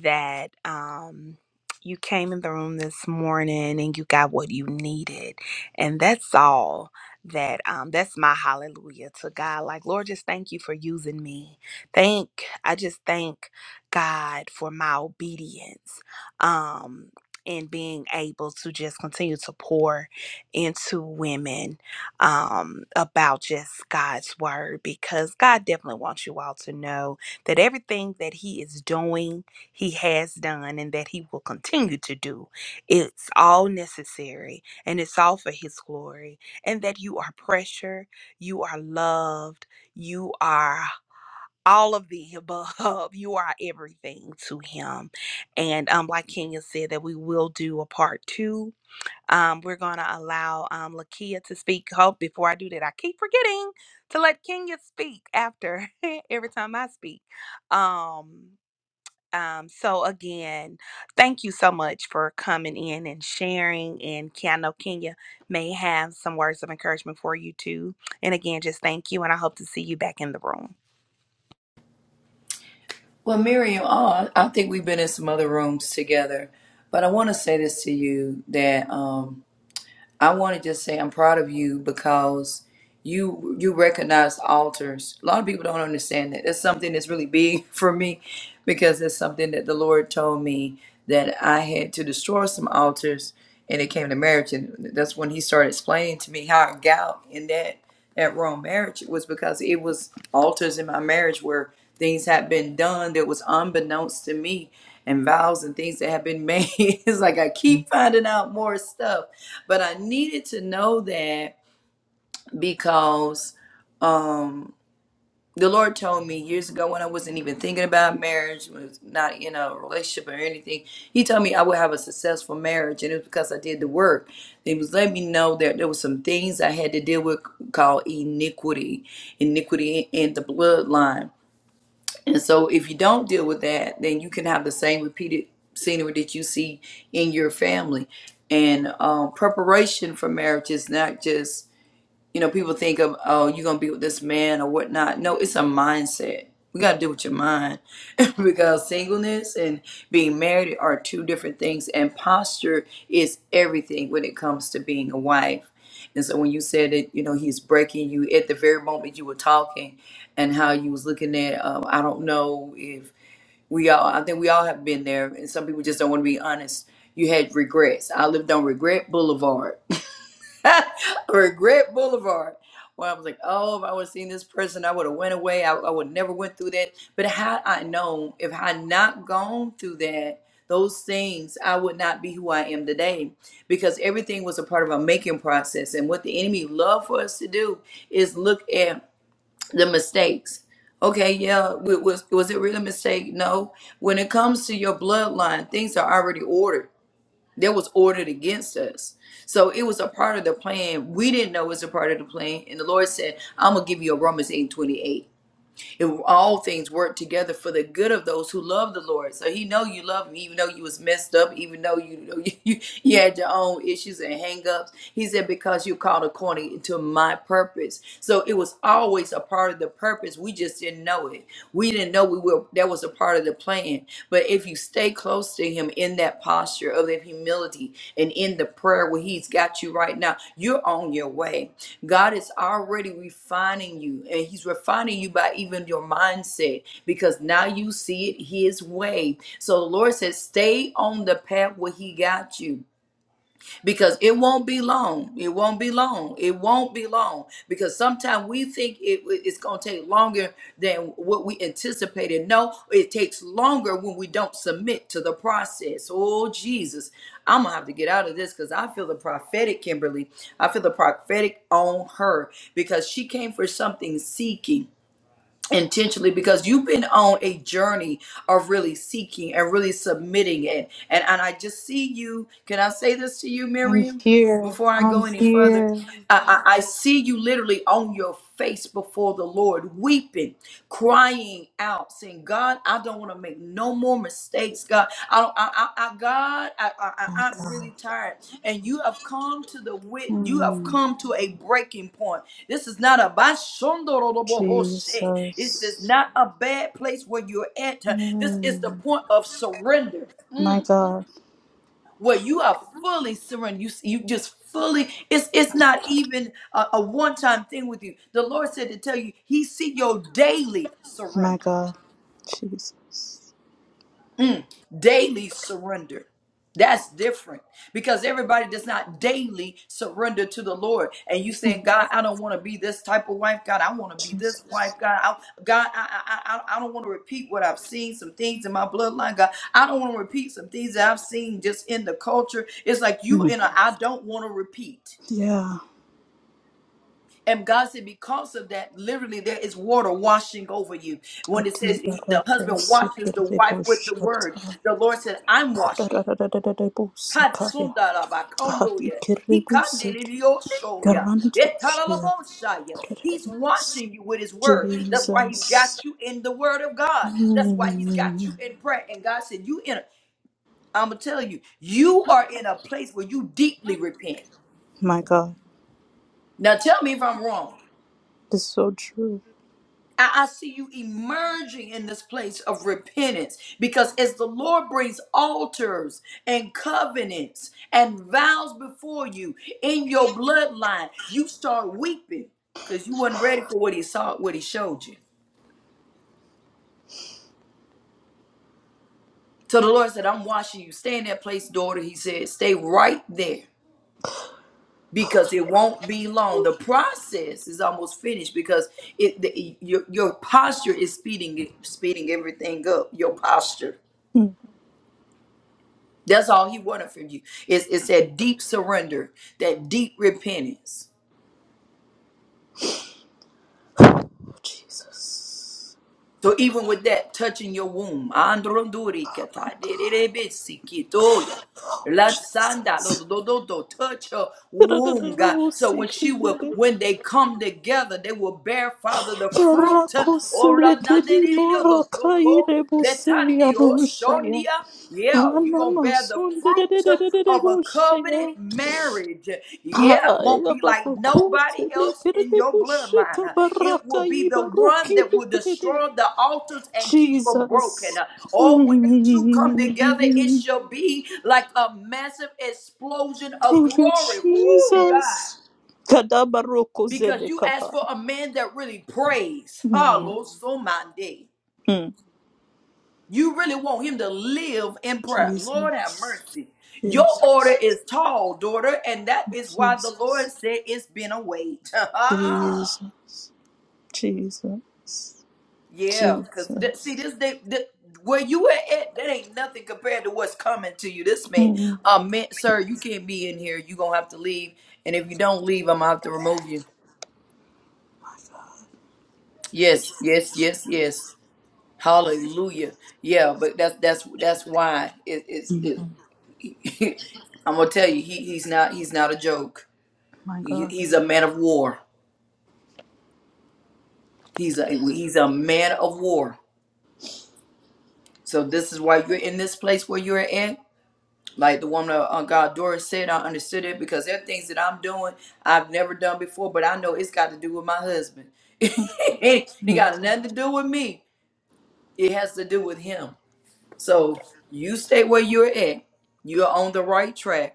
that um you came in the room this morning and you got what you needed. And that's all that um that's my hallelujah to God. Like Lord, just thank you for using me. Thank I just thank God for my obedience. Um and being able to just continue to pour into women um, about just God's word because God definitely wants you all to know that everything that He is doing, He has done, and that He will continue to do. It's all necessary and it's all for His glory, and that you are precious, you are loved, you are. All of the above, you are everything to him. And um, like Kenya said, that we will do a part two um, we're going to allow um, Lakia to speak. Hope before I do that, I keep forgetting to let Kenya speak after every time I speak. Um, um, so again, thank you so much for coming in and sharing. And Ke- I know Kenya may have some words of encouragement for you too. And again, just thank you, and I hope to see you back in the room.
Well, Miriam, uh, I think we've been in some other rooms together, but I want to say this to you that. Um, I want to just say I'm proud of you because you you recognize altars. A lot of people don't understand that. That's something that's really big for me because it's something that the Lord told me that I had to destroy some altars and it came to marriage and that's when he started explaining to me how I got in that that wrong marriage It was because it was altars in my marriage where things had been done that was unbeknownst to me and vows and things that had been made. it's like I keep finding out more stuff but I needed to know that because um, the Lord told me years ago when I wasn't even thinking about marriage, was not in a relationship or anything. He told me I would have a successful marriage, and it was because I did the work. He was letting me know that there were some things I had to deal with called iniquity, iniquity in the bloodline. And so if you don't deal with that, then you can have the same repeated scenery that you see in your family. And um, preparation for marriage is not just you know, people think of, oh, you're going to be with this man or whatnot. No, it's a mindset. We got to deal with your mind because singleness and being married are two different things. And posture is everything when it comes to being a wife. And so when you said that, you know, he's breaking you at the very moment you were talking and how you was looking at, um, I don't know if we all, I think we all have been there. And some people just don't want to be honest. You had regrets. I lived on Regret Boulevard Regret Boulevard. Well, I was like, oh, if I would have seen this person, I would have went away. I, I would never went through that. But had I known, if I had not gone through that, those things, I would not be who I am today because everything was a part of a making process. And what the enemy loved for us to do is look at the mistakes. Okay, yeah, wa- was was it really a mistake? No. When it comes to your bloodline, things are already ordered that was ordered against us. So it was a part of the plan. We didn't know it was a part of the plan. And the Lord said, I'm gonna give you a Romans 8 28. If all things work together for the good of those who love the Lord. So he know you love him, even though you was messed up, even though you you, you had your own issues and hang ups. He said, Because you called according to my purpose. So it was always a part of the purpose. We just didn't know it. We didn't know we were that was a part of the plan. But if you stay close to Him in that posture of that humility and in the prayer where He's got you right now, you're on your way. God is already refining you, and He's refining you by even your mindset because now you see it His way. So the Lord says, Stay on the path where He got you because it won't be long. It won't be long. It won't be long because sometimes we think it, it's going to take longer than what we anticipated. No, it takes longer when we don't submit to the process. Oh, Jesus. I'm going to have to get out of this because I feel the prophetic, Kimberly. I feel the prophetic on her because she came for something seeking intentionally because you've been on a journey of really seeking and really submitting it and and i just see you can i say this to you
I'm
miriam
here.
before i
I'm
go any further
here.
i i, I see you literally on your face before the lord weeping crying out saying god I don't want to make no more mistakes, God. I, don't, I, I, I God, I, I, I-
My
I'm really
God.
tired. And you have come to the wit. You have
Mm,
come to a breaking point. This is not a bashondorobohoshe. This is
Jesus.
not a bad place where you're at. This is the
Mm,
point of surrender,
my God.
where you are fully surrendered. You, you just fully. It's it's not even a, a one time thing with you. The Lord said to tell you, He see your daily
My
surrender.
God. Jesus.
daily surrender. That's different because everybody does not daily surrender to the Lord. And you saying, God, I don't want to be this type of wife. God, I want to be this wife.
Jesus.
God, I, God, I, I, I, I don't want to repeat what I've seen. Some things in my bloodline. God, I don't want to repeat some things that I've seen just in the culture. It's like you
Mm.
and I don't want to repeat.
Yeah.
And God said, because of that, literally there is water washing over you. When it says
Adiba
he- the
rako
husband washes the wife
sekirebo
with the word,
shanta.
the Lord said, I'm washing you.
Kadadadadadadebo sakaya.
Katsunda la
Hadi
bakondoya. He
kirebo sedi.
kandeliosoya.
Garanto shaya.
Etalalabosaya. He's
Kadadadadadebo.
washing you with his word. That's why he's
Jesus.
got you in the word of God. That's why he's got you
Mm,
in prayer. And God said, You in a I'm gonna tell you, you are in a place where you deeply repent.
my God.
Now tell me if I'm wrong.
This is so true.
I, I see you emerging in this place of repentance because as the Lord brings altars and covenants and vows before you in your bloodline, you start weeping because you weren't ready for what He saw, what He showed you. So the Lord said, I'm washing you. Stay in that place, daughter. He said, stay right there because it won't be long. The process is almost finished because it, the, your, your posture is speeding, speeding everything up. Your posture. That's all he wanted from you. It's, it's that deep surrender, that deep repentance.
Jesus.
So even with that, touching your womb. Androndurikata, dererebesikitoya,
Oh,
latsanda,
Jesus.
lodododo, Touch her womb, God. So when she will,
Rarararabusikidide.
when they come together, they will bear, Father, the fruit. Orananderereodotoko, Letandi,
Rakoselekedimorakayirebuseyanushaya.
Oshonia. Yeah, you're going to bear the fruit of a
Anamasundererererebushaya.
covenant marriage. Yeah, won't be like nobody else in your bloodline. Uh, It will be the one that will
Ayabarakutelekerebushikabarakayibarukibirede.
destroy the altars and keep them
Jesus.
broken. Uh, Or when you two come together, it
Mm.
shall be like a massive explosion of
Thank you,
glory. Woo,
Jesus.
God.
Kadabaroko
Because you
zelekapa.
asked for a man that really prays. Hallelujah.
Hmm.
You really want him to live in prayer. Lord have
Jesus,
mercy. Your order
Jesus,
is tall, daughter, and that is why the Lord
Jesus,
said it's been a wait.
Jesus, Jesus,
yeah, because th- see,
Jesus.
this day, th- where you at, at, that ain't nothing compared to what's coming to you. This man,
Hmm.
uh, man, sir, you can't be in here. you going to have to leave. And if you don't leave, I'm going to have to remove you. Yes, yes, yes, yes. Hallelujah. Yeah, but that's that's that's why it is. I'm gonna tell you, he, he's not he's not a joke. He,
God,
he's a man of war. He's a he's a man of war. So this is why you're in this place where you're at. Like the woman of uh, God, Doris said, I understood it because there are things that I'm doing I've never done before, but I know it's got to do with my husband. it ain't
Mm.
got nothing to do with me. It has to do with him. So you stay where you're at. You're on the right track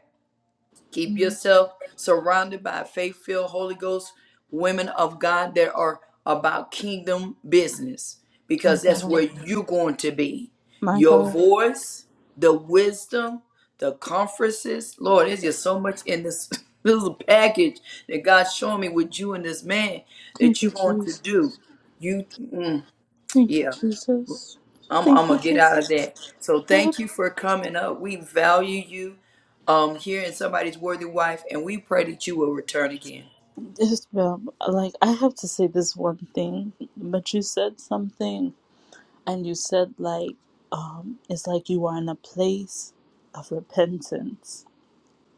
Keep yourself surrounded by faith filled Holy Ghost women of God that are about kingdom business
my
because that's
God,
where you're going to be.
my
Your
God.
voice, the wisdom, the conferences. Lord, there's just so much in this little package that God's showing me with you and this man that
Thank you,
you're going to do.
Jesus.
You, mm,
Thank you,
yeah.
Jesus.
I'm, I'm
Thank you,
gonna get out of
Jesus.
that. So
Lord,
thank you for coming up. We value you um here in somebody's worthy wife, and we pray that you will return again.
Isabel, like I have to say this one thing, but you said something, and you said like, um, it's like you are in a place of repentance,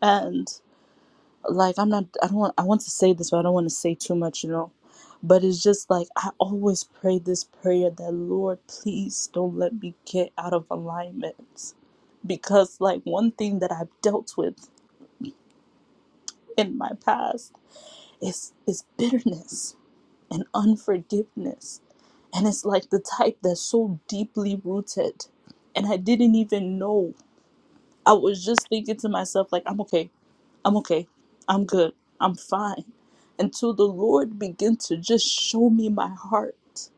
and. like I'm not I don't want I want to say this but I don't want to say too much, you know. But it's just like I always pray this prayer that Lord, please don't let me get out of alignment. Because like one thing that I've dealt with in my past is is bitterness and unforgiveness. And it's like the type that's so deeply rooted. And I didn't even know. I was just thinking to myself, like, I'm okay. I'm okay. I'm good. I'm fine. Until the Lord began to just show me my heart.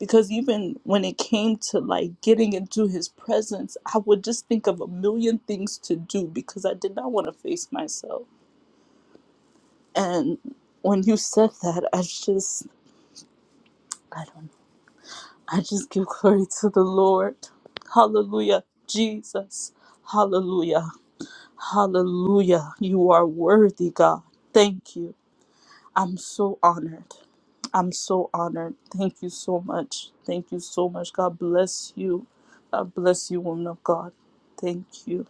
Because even when it came to like getting into his presence, I would just think of a million things to do because I did not want to face myself. And when you said that, I just, I don't know. I just give glory to the Lord. Hallelujah. Jesus. Hallelujah. Hallelujah. You are worthy, God. Thank you. I'm so honored. I'm so honored. Thank you so much. Thank you so much. God bless you. God bless you, woman of God. Thank you.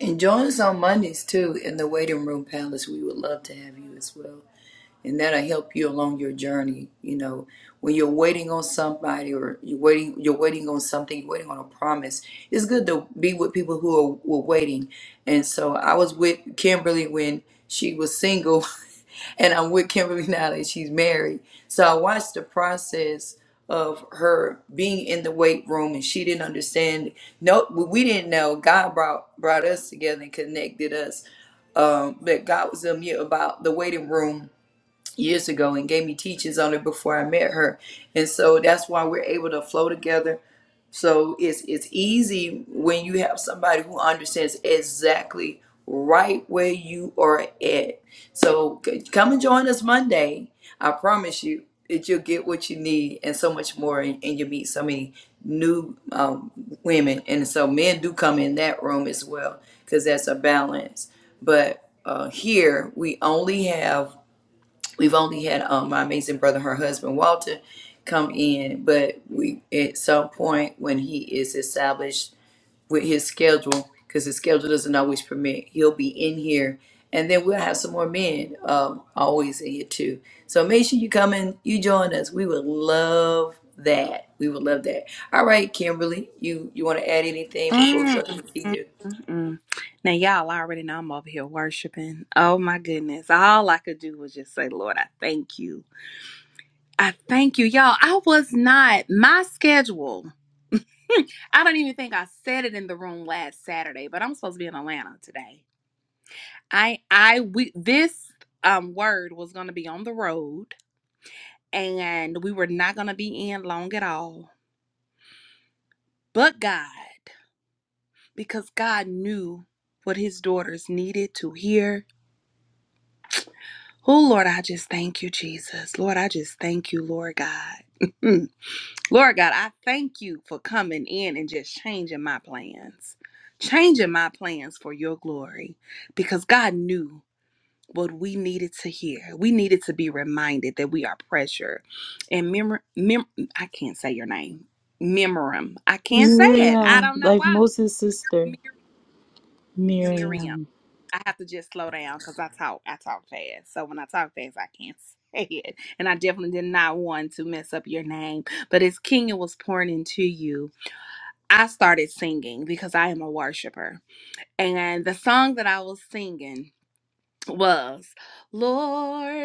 And join us on Mondays too in the waiting room palace. We would love to have you as well. and that'll help you along your journey you know when you're waiting on somebody or you're waiting you're waiting on something you're waiting on a promise it's good to be with people who are were waiting and so i was with kimberly when she was single and i'm with kimberly now that she's married so i watched the process of her being in the weight room and she didn't understand no we didn't know god brought brought us together and connected us um but god was a mute about the waiting room years ago and gave me teachings on it before I met her. And so that's why we're able to flow together. So it's it's easy when you have somebody who understands exactly right where you are at. So c- come and join us Monday. I promise you that you'll get what you need and so much more and, and you'll meet so many new um, women. And so men do come in that room as well because that's a balance. But uh, here we only have We've only had um, my amazing brother, her husband Walter, come in, but we at some point when he is established with his schedule, because his schedule doesn't always permit, he'll be in here, and then we'll have some more men um, always in here too. So make sure you come in, you join us. We would love that. We would love that. All right, Kimberly, you you want to add anything before we
Mm,
go to
mm,
the senior?
mm, mm. Now, y'all already know I'm over here worshiping. Oh, my goodness. All I could do was just say, Lord, I thank you. I thank you, y'all. I was not. My schedule, I don't even think I said it in the room last Saturday, but I'm supposed to be in Atlanta today. I, I, we, this um word was going to be on the road and we were not going to be in long at all. But God, because God knew what his daughters needed to hear. Oh, Lord, I just thank you, Jesus. Lord, I just thank you, Lord God. Lord God, I thank you for coming in and just changing my plans, changing my plans for your glory, because God knew what we needed to hear. We needed to be reminded that we are pressure and memor, mem- I can't say your name, Memorum. I can't say it. I
Miriam,
don't know
like
why.
Moses' sister,
Mir- Miriam.
Miriam.
I have to just slow down because I talk. I talk fast, so when I talk fast, I can't say it. And I definitely did not want to mess up your name. But as Kenya was pouring into you, I started singing because I am a worshiper. And the song that I was singing was, Lord.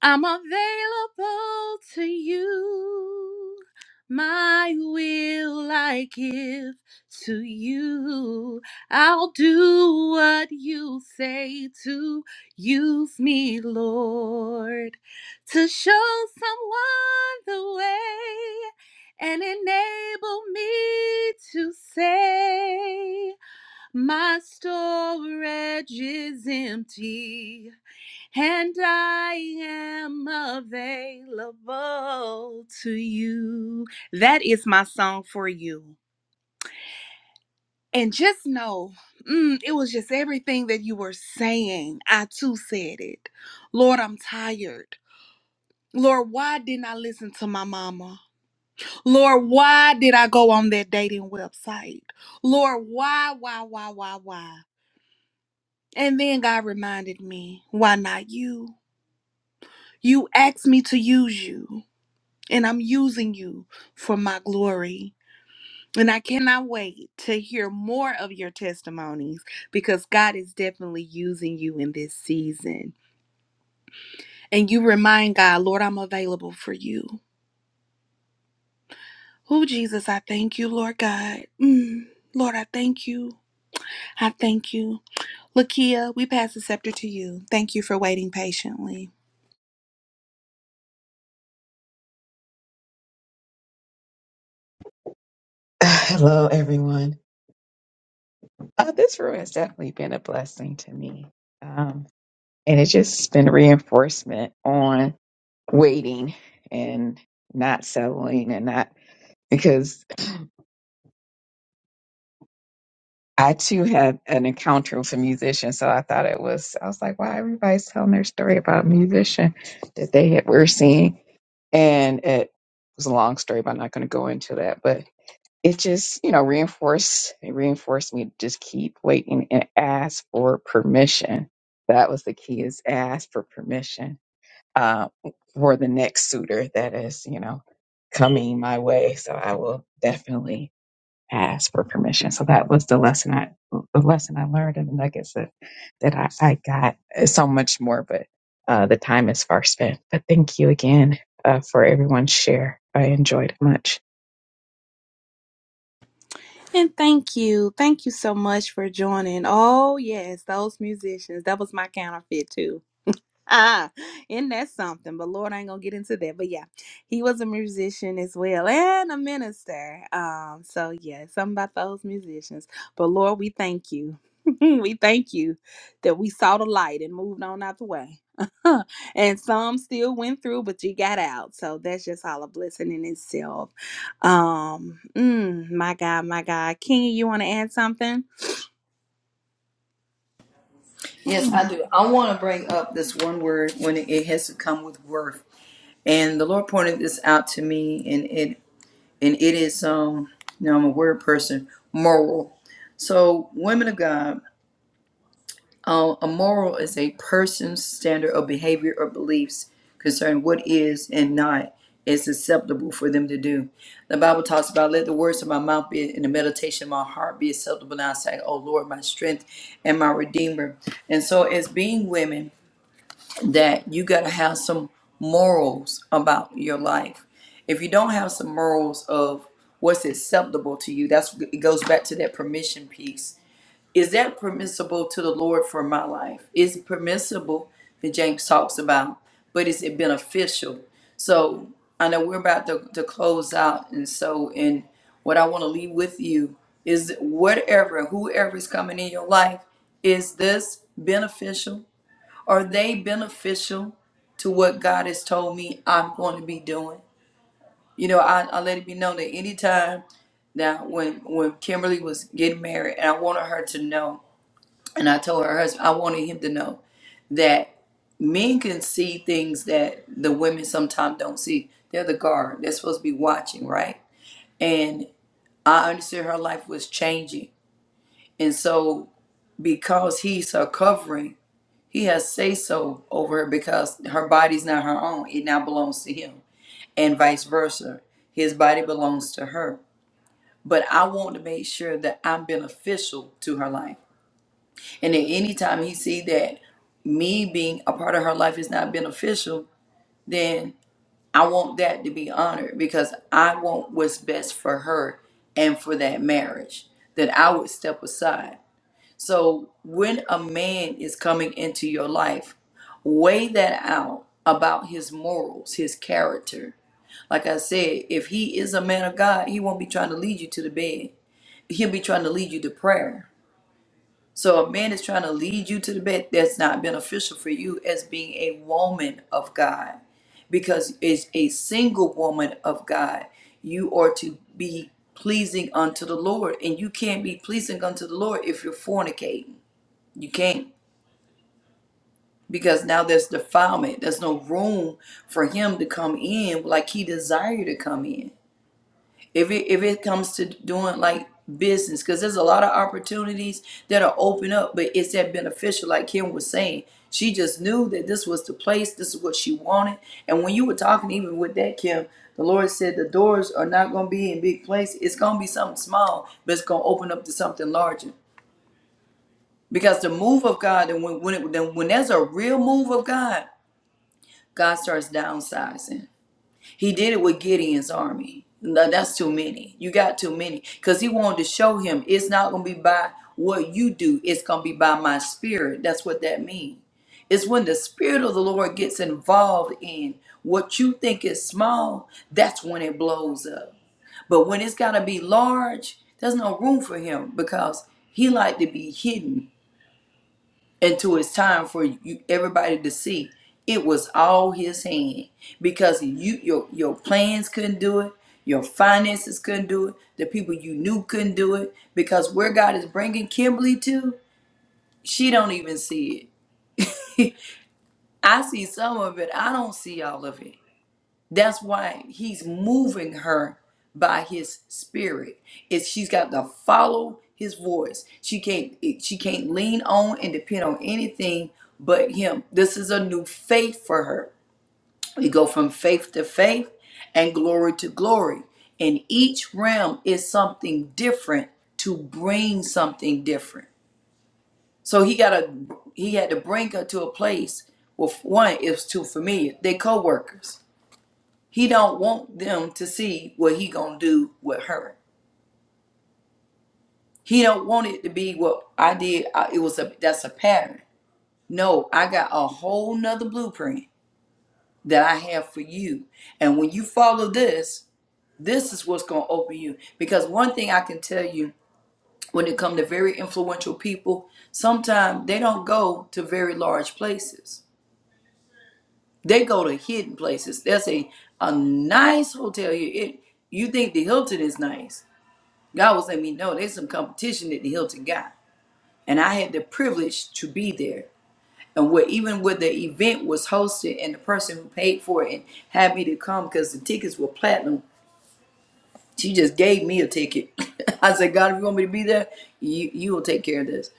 I'm available to you. My will I give to you. I'll do what you say to use me, Lord, to show someone the way and enable me to say, My storage is empty and I am available to you. That is my song for you. And just know, mm, it was just everything that you were saying. I too said it. Lord, I'm tired. Lord, why didn't I listen to my mama? Lord, why did I go on that dating website? Lord, why, why, why, why, why? And then God reminded me, why not you? You asked me to use you. and I'm using you for my glory. And I cannot wait to hear more of your testimonies because God is definitely using you in this season. And you remind God, Lord, I'm available for you. Oh, Jesus, I thank you, Lord God. Mm, Lord, I thank you. I thank you. Lakia, we pass the scepter to you. Thank you for waiting patiently.
Hello, everyone. Uh, this room has definitely been a blessing to me. Um, and it's just been reinforcement on waiting and not settling and not because I too had an encounter with a musician. So I thought it was, I was like, wow, everybody's telling their story about a musician that they had, were seeing. And it was a long story, but I'm not going to go into that. But it just, you know, reinforced it reinforced me to just keep waiting and ask for permission. That was the key is ask for permission uh, for the next suitor that is, you know, coming my way. So I will definitely ask for permission. So that was the lesson I the lesson I learned and the nuggets that, that I, I got. It's so much more, but uh, the time is far spent. But thank you again uh, for everyone's share. I enjoyed it much.
And thank you. Thank you so much for joining. Oh, yes, those musicians. That was my counterfeit, too. Ah, and that's something. But Lord, I ain't gonna get into that. But yeah, he was a musician as well and a minister. Um, so yeah, something about those musicians. But Lord, we thank you. we thank you that we saw the light and moved on out the way. and some still went through, but you got out. So that's just all a blessing in itself. Um, mm, my God, my God. King, you want to add something?
Yes, I do. I want to bring up this one word when it has to come with worth And the Lord pointed this out to me, and it and it is um, you know, I'm a word person, moral. So, women of God, uh, a moral is a person's standard of behavior or beliefs concerning what is and not is acceptable for them to do. The Bible talks about let the words of my mouth be and the meditation of my heart be acceptable. Now I say, Oh Lord, my strength and my redeemer. And so, as being women, that you got to have some morals about your life. If you don't have some morals of what's acceptable to you, that's it goes back to that permission piece. Is that permissible to the Lord for my life? Is it permissible that James talks about, but is it beneficial? So I know we're about to, to close out, and so and what I want to leave with you is whatever, whoever is coming in your life, is this beneficial? Are they beneficial to what God has told me I'm going to be doing? You know, I, I let it be known that anytime now when when Kimberly was getting married and I wanted her to know and I told her husband I wanted him to know that men can see things that the women sometimes don't see. They're the guard. They're supposed to be watching, right? And I understood her life was changing. And so because he's her covering, He has say so over her because her body's not her own. It now belongs to him, and vice versa. His body belongs to her. But I want to make sure that I'm beneficial to her life. And at any time he see that me being a part of her life is not beneficial, then I want that to be honored because I want what's best for her and for that marriage. That I would step aside. So when a man is coming into your life, weigh that out about his morals, his character. Like I said, if he is a man of God, he won't be trying to lead you to the bed. He'll be trying to lead you to prayer. So a man is trying to lead you to the bed that's not beneficial for you as being a woman of God. Because as a single woman of God, you are to be pleasing unto the Lord. And you can't be pleasing unto the Lord if you're fornicating. You can't. because now there's defilement. There's no room for him to come in like he desired to come in. If it if it comes to doing like business, because there's a lot of opportunities that are open up, but it's that beneficial, like Kim was saying. She just knew that this was the place, this is what she wanted. And when you were talking, even with that, Kim, the Lord said the doors are not gonna be in big place. It's gonna be something small, but it's gonna open up to something larger. Because the move of God, and when when, it, then when there's a real move of God, God starts downsizing. He did it with Gideon's army. No, that's too many. You got too many. Because he wanted to show him it's not going to be by what you do, it's going to be by my spirit. That's what that means. It's when the spirit of the Lord gets involved in what you think is small, that's when it blows up. But when it's got to be large, there's no room for him because he like to be hidden until it's time for you everybody to see it was all his hand because you your your plans couldn't do it your finances couldn't do it the people you knew couldn't do it because where god is bringing kimberly to she don't even see it i see some of it i don't see all of it that's why he's moving her by his spirit. It's she's got to follow his voice. She can't it- she can't lean on and depend on anything but him. This is a new faith for her. We go from faith to faith and glory to glory. And each realm is something different to bring something different. So he got to he had to bring her to a place where one is too familiar. They're co-workers he don't want them to see what he gonna do with her. He don't want it to be what I did. I- It was a that's a pattern. No, I got a whole nother blueprint that I have for you. And when you follow this, this is what's gonna open you. Because one thing I can tell you when it comes to very influential people, sometimes they don't go to very large places. They go to hidden places. There's a a nice hotel here. It, you think the Hilton is nice God was letting me know there's some competition that the Hilton got. And I had the privilege to be there. And where even where the event was hosted and the person who paid for it and had me to come because the tickets were platinum she just gave me a ticket. I said, God, if you want me to be there, you you will take care of this.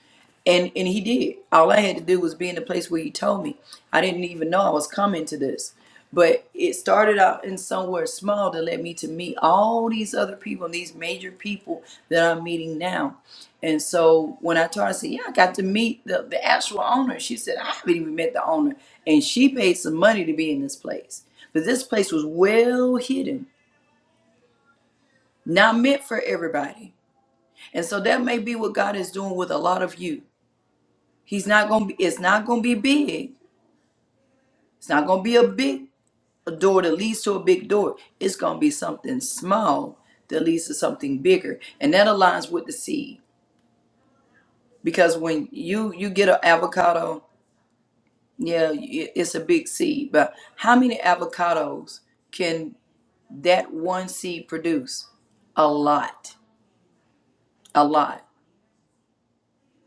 And and he did. All I had to do was be in the place where he told me. I didn't even know I was coming to this. But it started out in somewhere small that led me to meet all these other people and these major people that I'm meeting now. And so when I told her, I said, Yeah, I got to meet the, the actual owner. She said, I haven't even met the owner. And she paid some money to be in this place. But this place was well hidden not meant for everybody. And so that may be what God is doing with a lot of you. He's not going to be, it's not going to be big. It's not going to be a big a door that leads to a big door. It's going to be something small that leads to something bigger. And that aligns with the seed because when you you get an avocado, yeah, it- it's a big seed, but how many avocados can that one seed produce? A lot. A lot.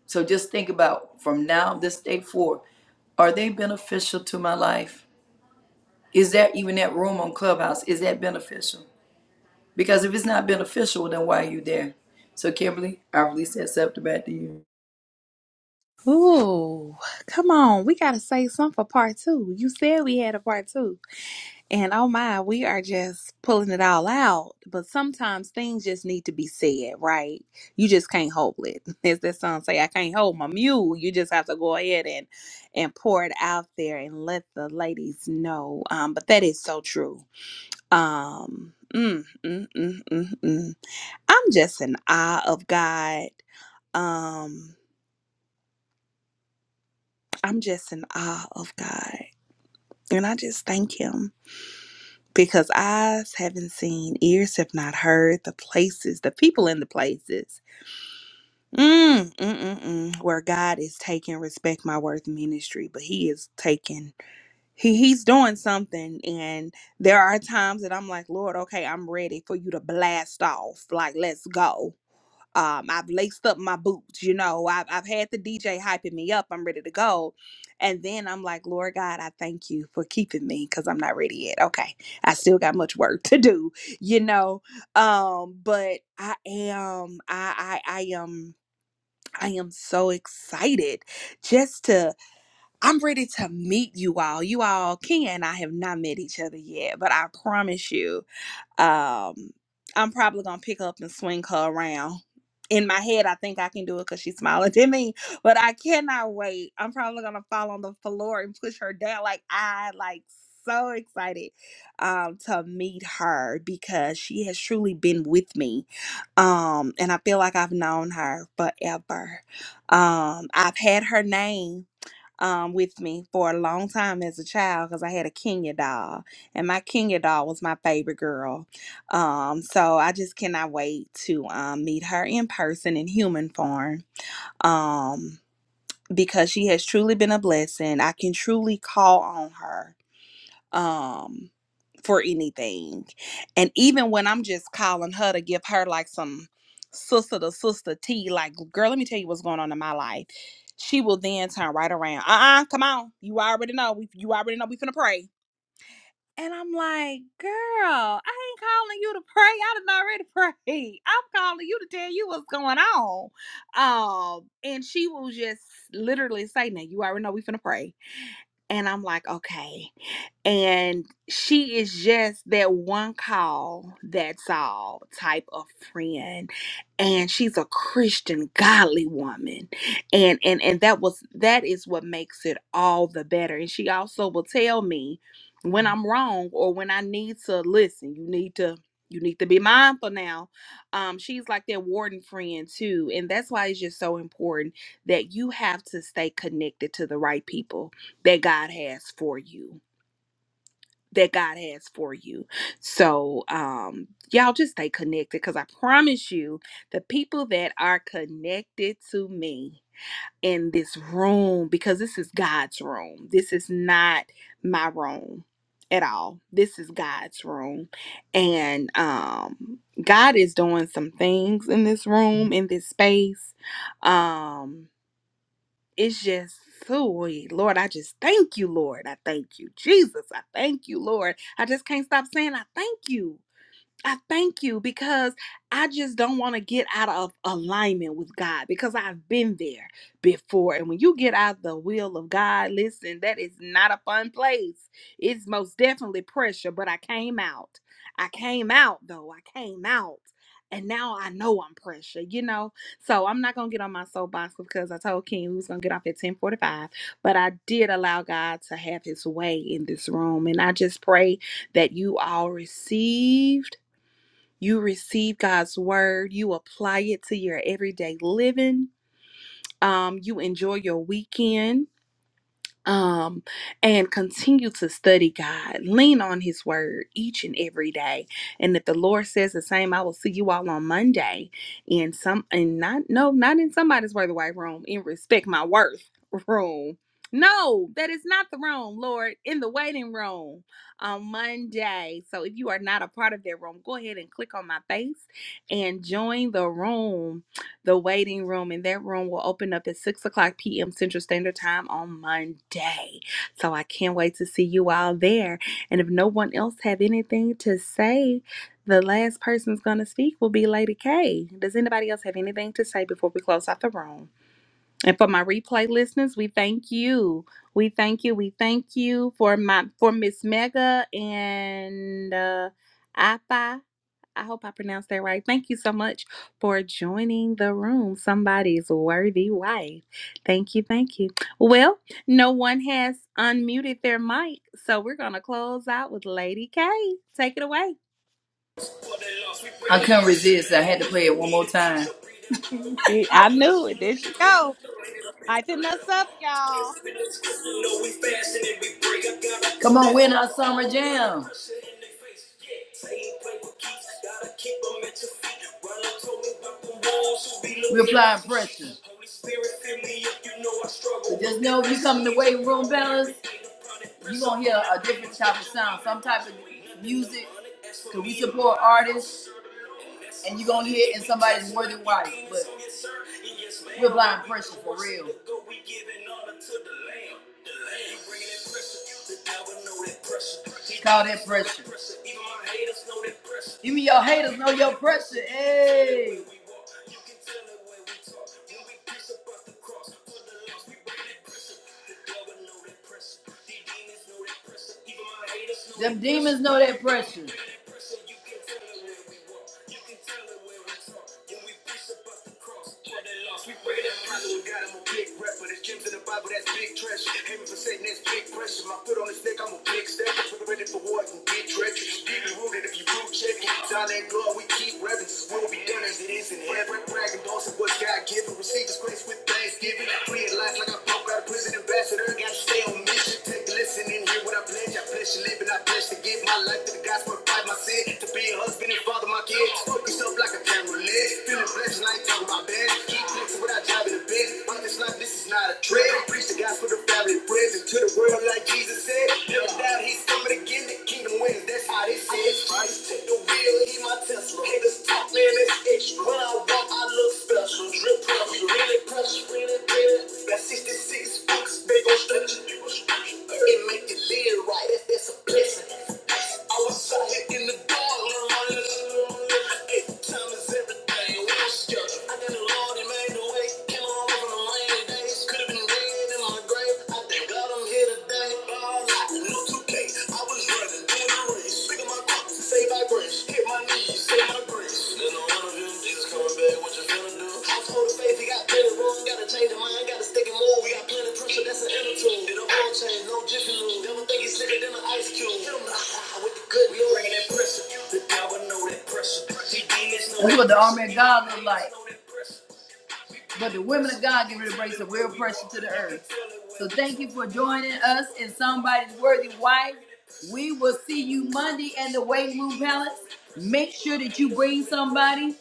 So just think about from now, this day forward, are they beneficial to my life? Is there even that room on Clubhouse? Is that beneficial? Because if it's not beneficial, then why are you there? So Kimberly, I release that scepter back to you.
Ooh, come on. We got to say something for part two. You said we had a part two. And oh my, we are just pulling it all out. But sometimes things just need to be said, right? You just can't hold it. As that song say, I can't hold my mule. You just have to go ahead and and pour it out there and let the ladies know. Um, but that is so true. Um, mm, mm, mm, mm, mm. I'm just in awe of God. Um, I'm just in awe of God. And I just thank him because eyes haven't seen, ears have not heard the places, the people in the places mm, mm, mm, mm, where God is taking Respect My Worth ministry, but he is taking. He, he's doing something and there are times that i'm like lord okay i'm ready for you to blast off like let's go um, I've laced up my boots, you know, I've, I've had the DJ hyping me up. I'm ready to go. And then I'm like, Lord God, I thank you for keeping me because I'm not ready yet. Okay. I still got much work to do, you know. Um, but I am, I, I, I am, I am so excited just to, I'm ready to meet you all. You all can. I have not met each other yet, but I promise you um, I'm probably gonna pick up and swing her around. In my head, I think I can do it because she's smiling at me, but I cannot wait. I'm probably gonna fall on the floor and push her down. Like I like so excited um to meet her because she has truly been with me. Um, and I feel like I've known her forever. Um, I've had her name um, with me for a long time as a child because I had a Kenya doll, and my Kenya doll was my favorite girl. Um, so I just cannot wait to um, meet her in person in human form um, because she has truly been a blessing. I can truly call on her um for anything. And even when I'm just calling her to give her like some sister to sister tea, like girl, let me tell you what's going on in my life. She will then turn right around. Uh-uh, come on. You already know. We you already know we finna pray. And I'm like, girl, I ain't calling you to pray. I done already pray. I'm calling you to tell you what's going on. Um, and she will just literally say, Now you already know we finna pray and I'm like, okay. And she is just that one call, that's all type of friend. And she's a Christian, godly woman. And and and that was that is what makes it all the better. And she also will tell me when I'm wrong or when I need to listen, you need to you need to be mindful now. Um, she's like that warden friend too. And that's why it's just so important that you have to stay connected to the right people that God has for you. That God has for you. So, um, y'all just stay connected because I promise you, the people that are connected to me in this room, because this is God's room, this is not my room at all. This is God's room. And um, God is doing some things in this room, in this space. Um, it's just ooh, Lord, I just thank you, Lord. I thank you, Jesus. I thank you, Lord. I just can't stop saying I thank you. I thank you because I just don't want to get out of alignment with God because I've been there before. And when you get out the will of God, listen, that is not a fun place. It's most definitely pressure, but I came out. I came out though. I came out. And now I know I'm pressure, you know. So I'm not gonna get on my soapbox because I told King we was gonna get off at 10:45. But I did allow God to have His way in this room, and I just pray that you all received you receive God's word, you apply it to your everyday living, um, you enjoy your weekend um, and continue to study God. Lean on His Word each and every day. And if the Lord says the same, I will see you all on Monday. In some, and not no, not in somebody's worth away room. In respect my worth room. No, that is not the room, Lord. In the waiting room on Monday. So if you are not a part of that room, go ahead and click on my face and join the room the waiting room, and that room will open up at 6 o'clock p.m. Central Standard Time on Monday. So I can't wait to see you all there. And if no one else have anything to say, the last person's going to speak will be Lady K. Does anybody else have anything to say before we close out the room? And for my replay listeners, we thank you. We thank you. We thank you for my for Miss Mega and uh, Appa. I hope I pronounced that right. Thank you so much for joining the room. Somebody's worthy wife. Thank you. Thank you. Well, no one has unmuted their mic, so we're going to close out with Lady K. Take it away.
I couldn't resist. I had to play it one more time.
I knew it. There she go. Lighten us up, y'all.
Come on, win our summer jam. We applying pressure. So just know if you come in the weight room balance, you gonna hear a different type of sound, some type of music. Cause we support artists, and you gonna hear it in somebody's worthy wife. But we're blind pressure for real. Call that pressure. Even your haters know your pressure. Hey, them demons know that pressure. We breaking that pressure. God, I'm a big rapper. There's gems in the Bible, that's big treasure. Aiming for Satan, that's big pressure. My foot on his neck, I'm a big step. Ready for war, I can get treacherous. Deeply rooted if you root check it. Zion and God, we keep reverence. will be done as it is in heaven. Bragging thoughts what God given. Receive his grace with thanksgiving. Free at last like I broke out of prison ambassador. Gotta stay on mission it glisten in here what I pledge. I pledge to live and I pledge to give my life to the gospel, fight my sin, to be a husband and father my kids. Fuck yourself like a camera lid. Feeling blessed and I ain't talking about bad. Keep flexing what I drive in the biz. On this life, this is not a trick. I Preach the gospel to family, and friends, and to the world like Jesus said. Never doubt he's coming again. The kingdom wins, that's how they say it. Christ take the wheel, he my Tesla. Haters talk, man, that's extra. When I walk, I look special. Drip pressure, really pressure, really, really. Got 66 books, they gon' stretch it. It make you live right. That's, that's a blessing. I was out here in the dark, learn Hey, Time is everything. We don't schedule. I thank the Lord, He made the way. Came along from the rainy days. Could have been dead in my grave. I thank God I'm here today. All I no 2K. I was running. Paying no what the that's no what the army of God look like. But the women of God get ready to bring some real pressure to the earth. So thank you for joining us in Somebody's Worthy Wife. We will see you Monday at the Weight Room Palace. Make sure that you bring somebody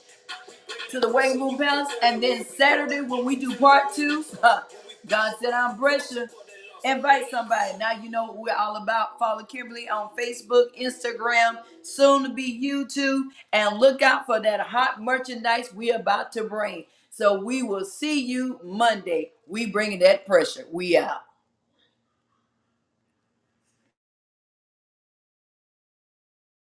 to the weight room bounce. And then Saturday when we do part two, God said I'm Brescia. Invite somebody. Now you know what we're all about. Follow Kimberly on Facebook, Instagram, soon to be YouTube. And look out for that hot merchandise we're about to bring. So we will see you Monday. We bringing that pressure. We out.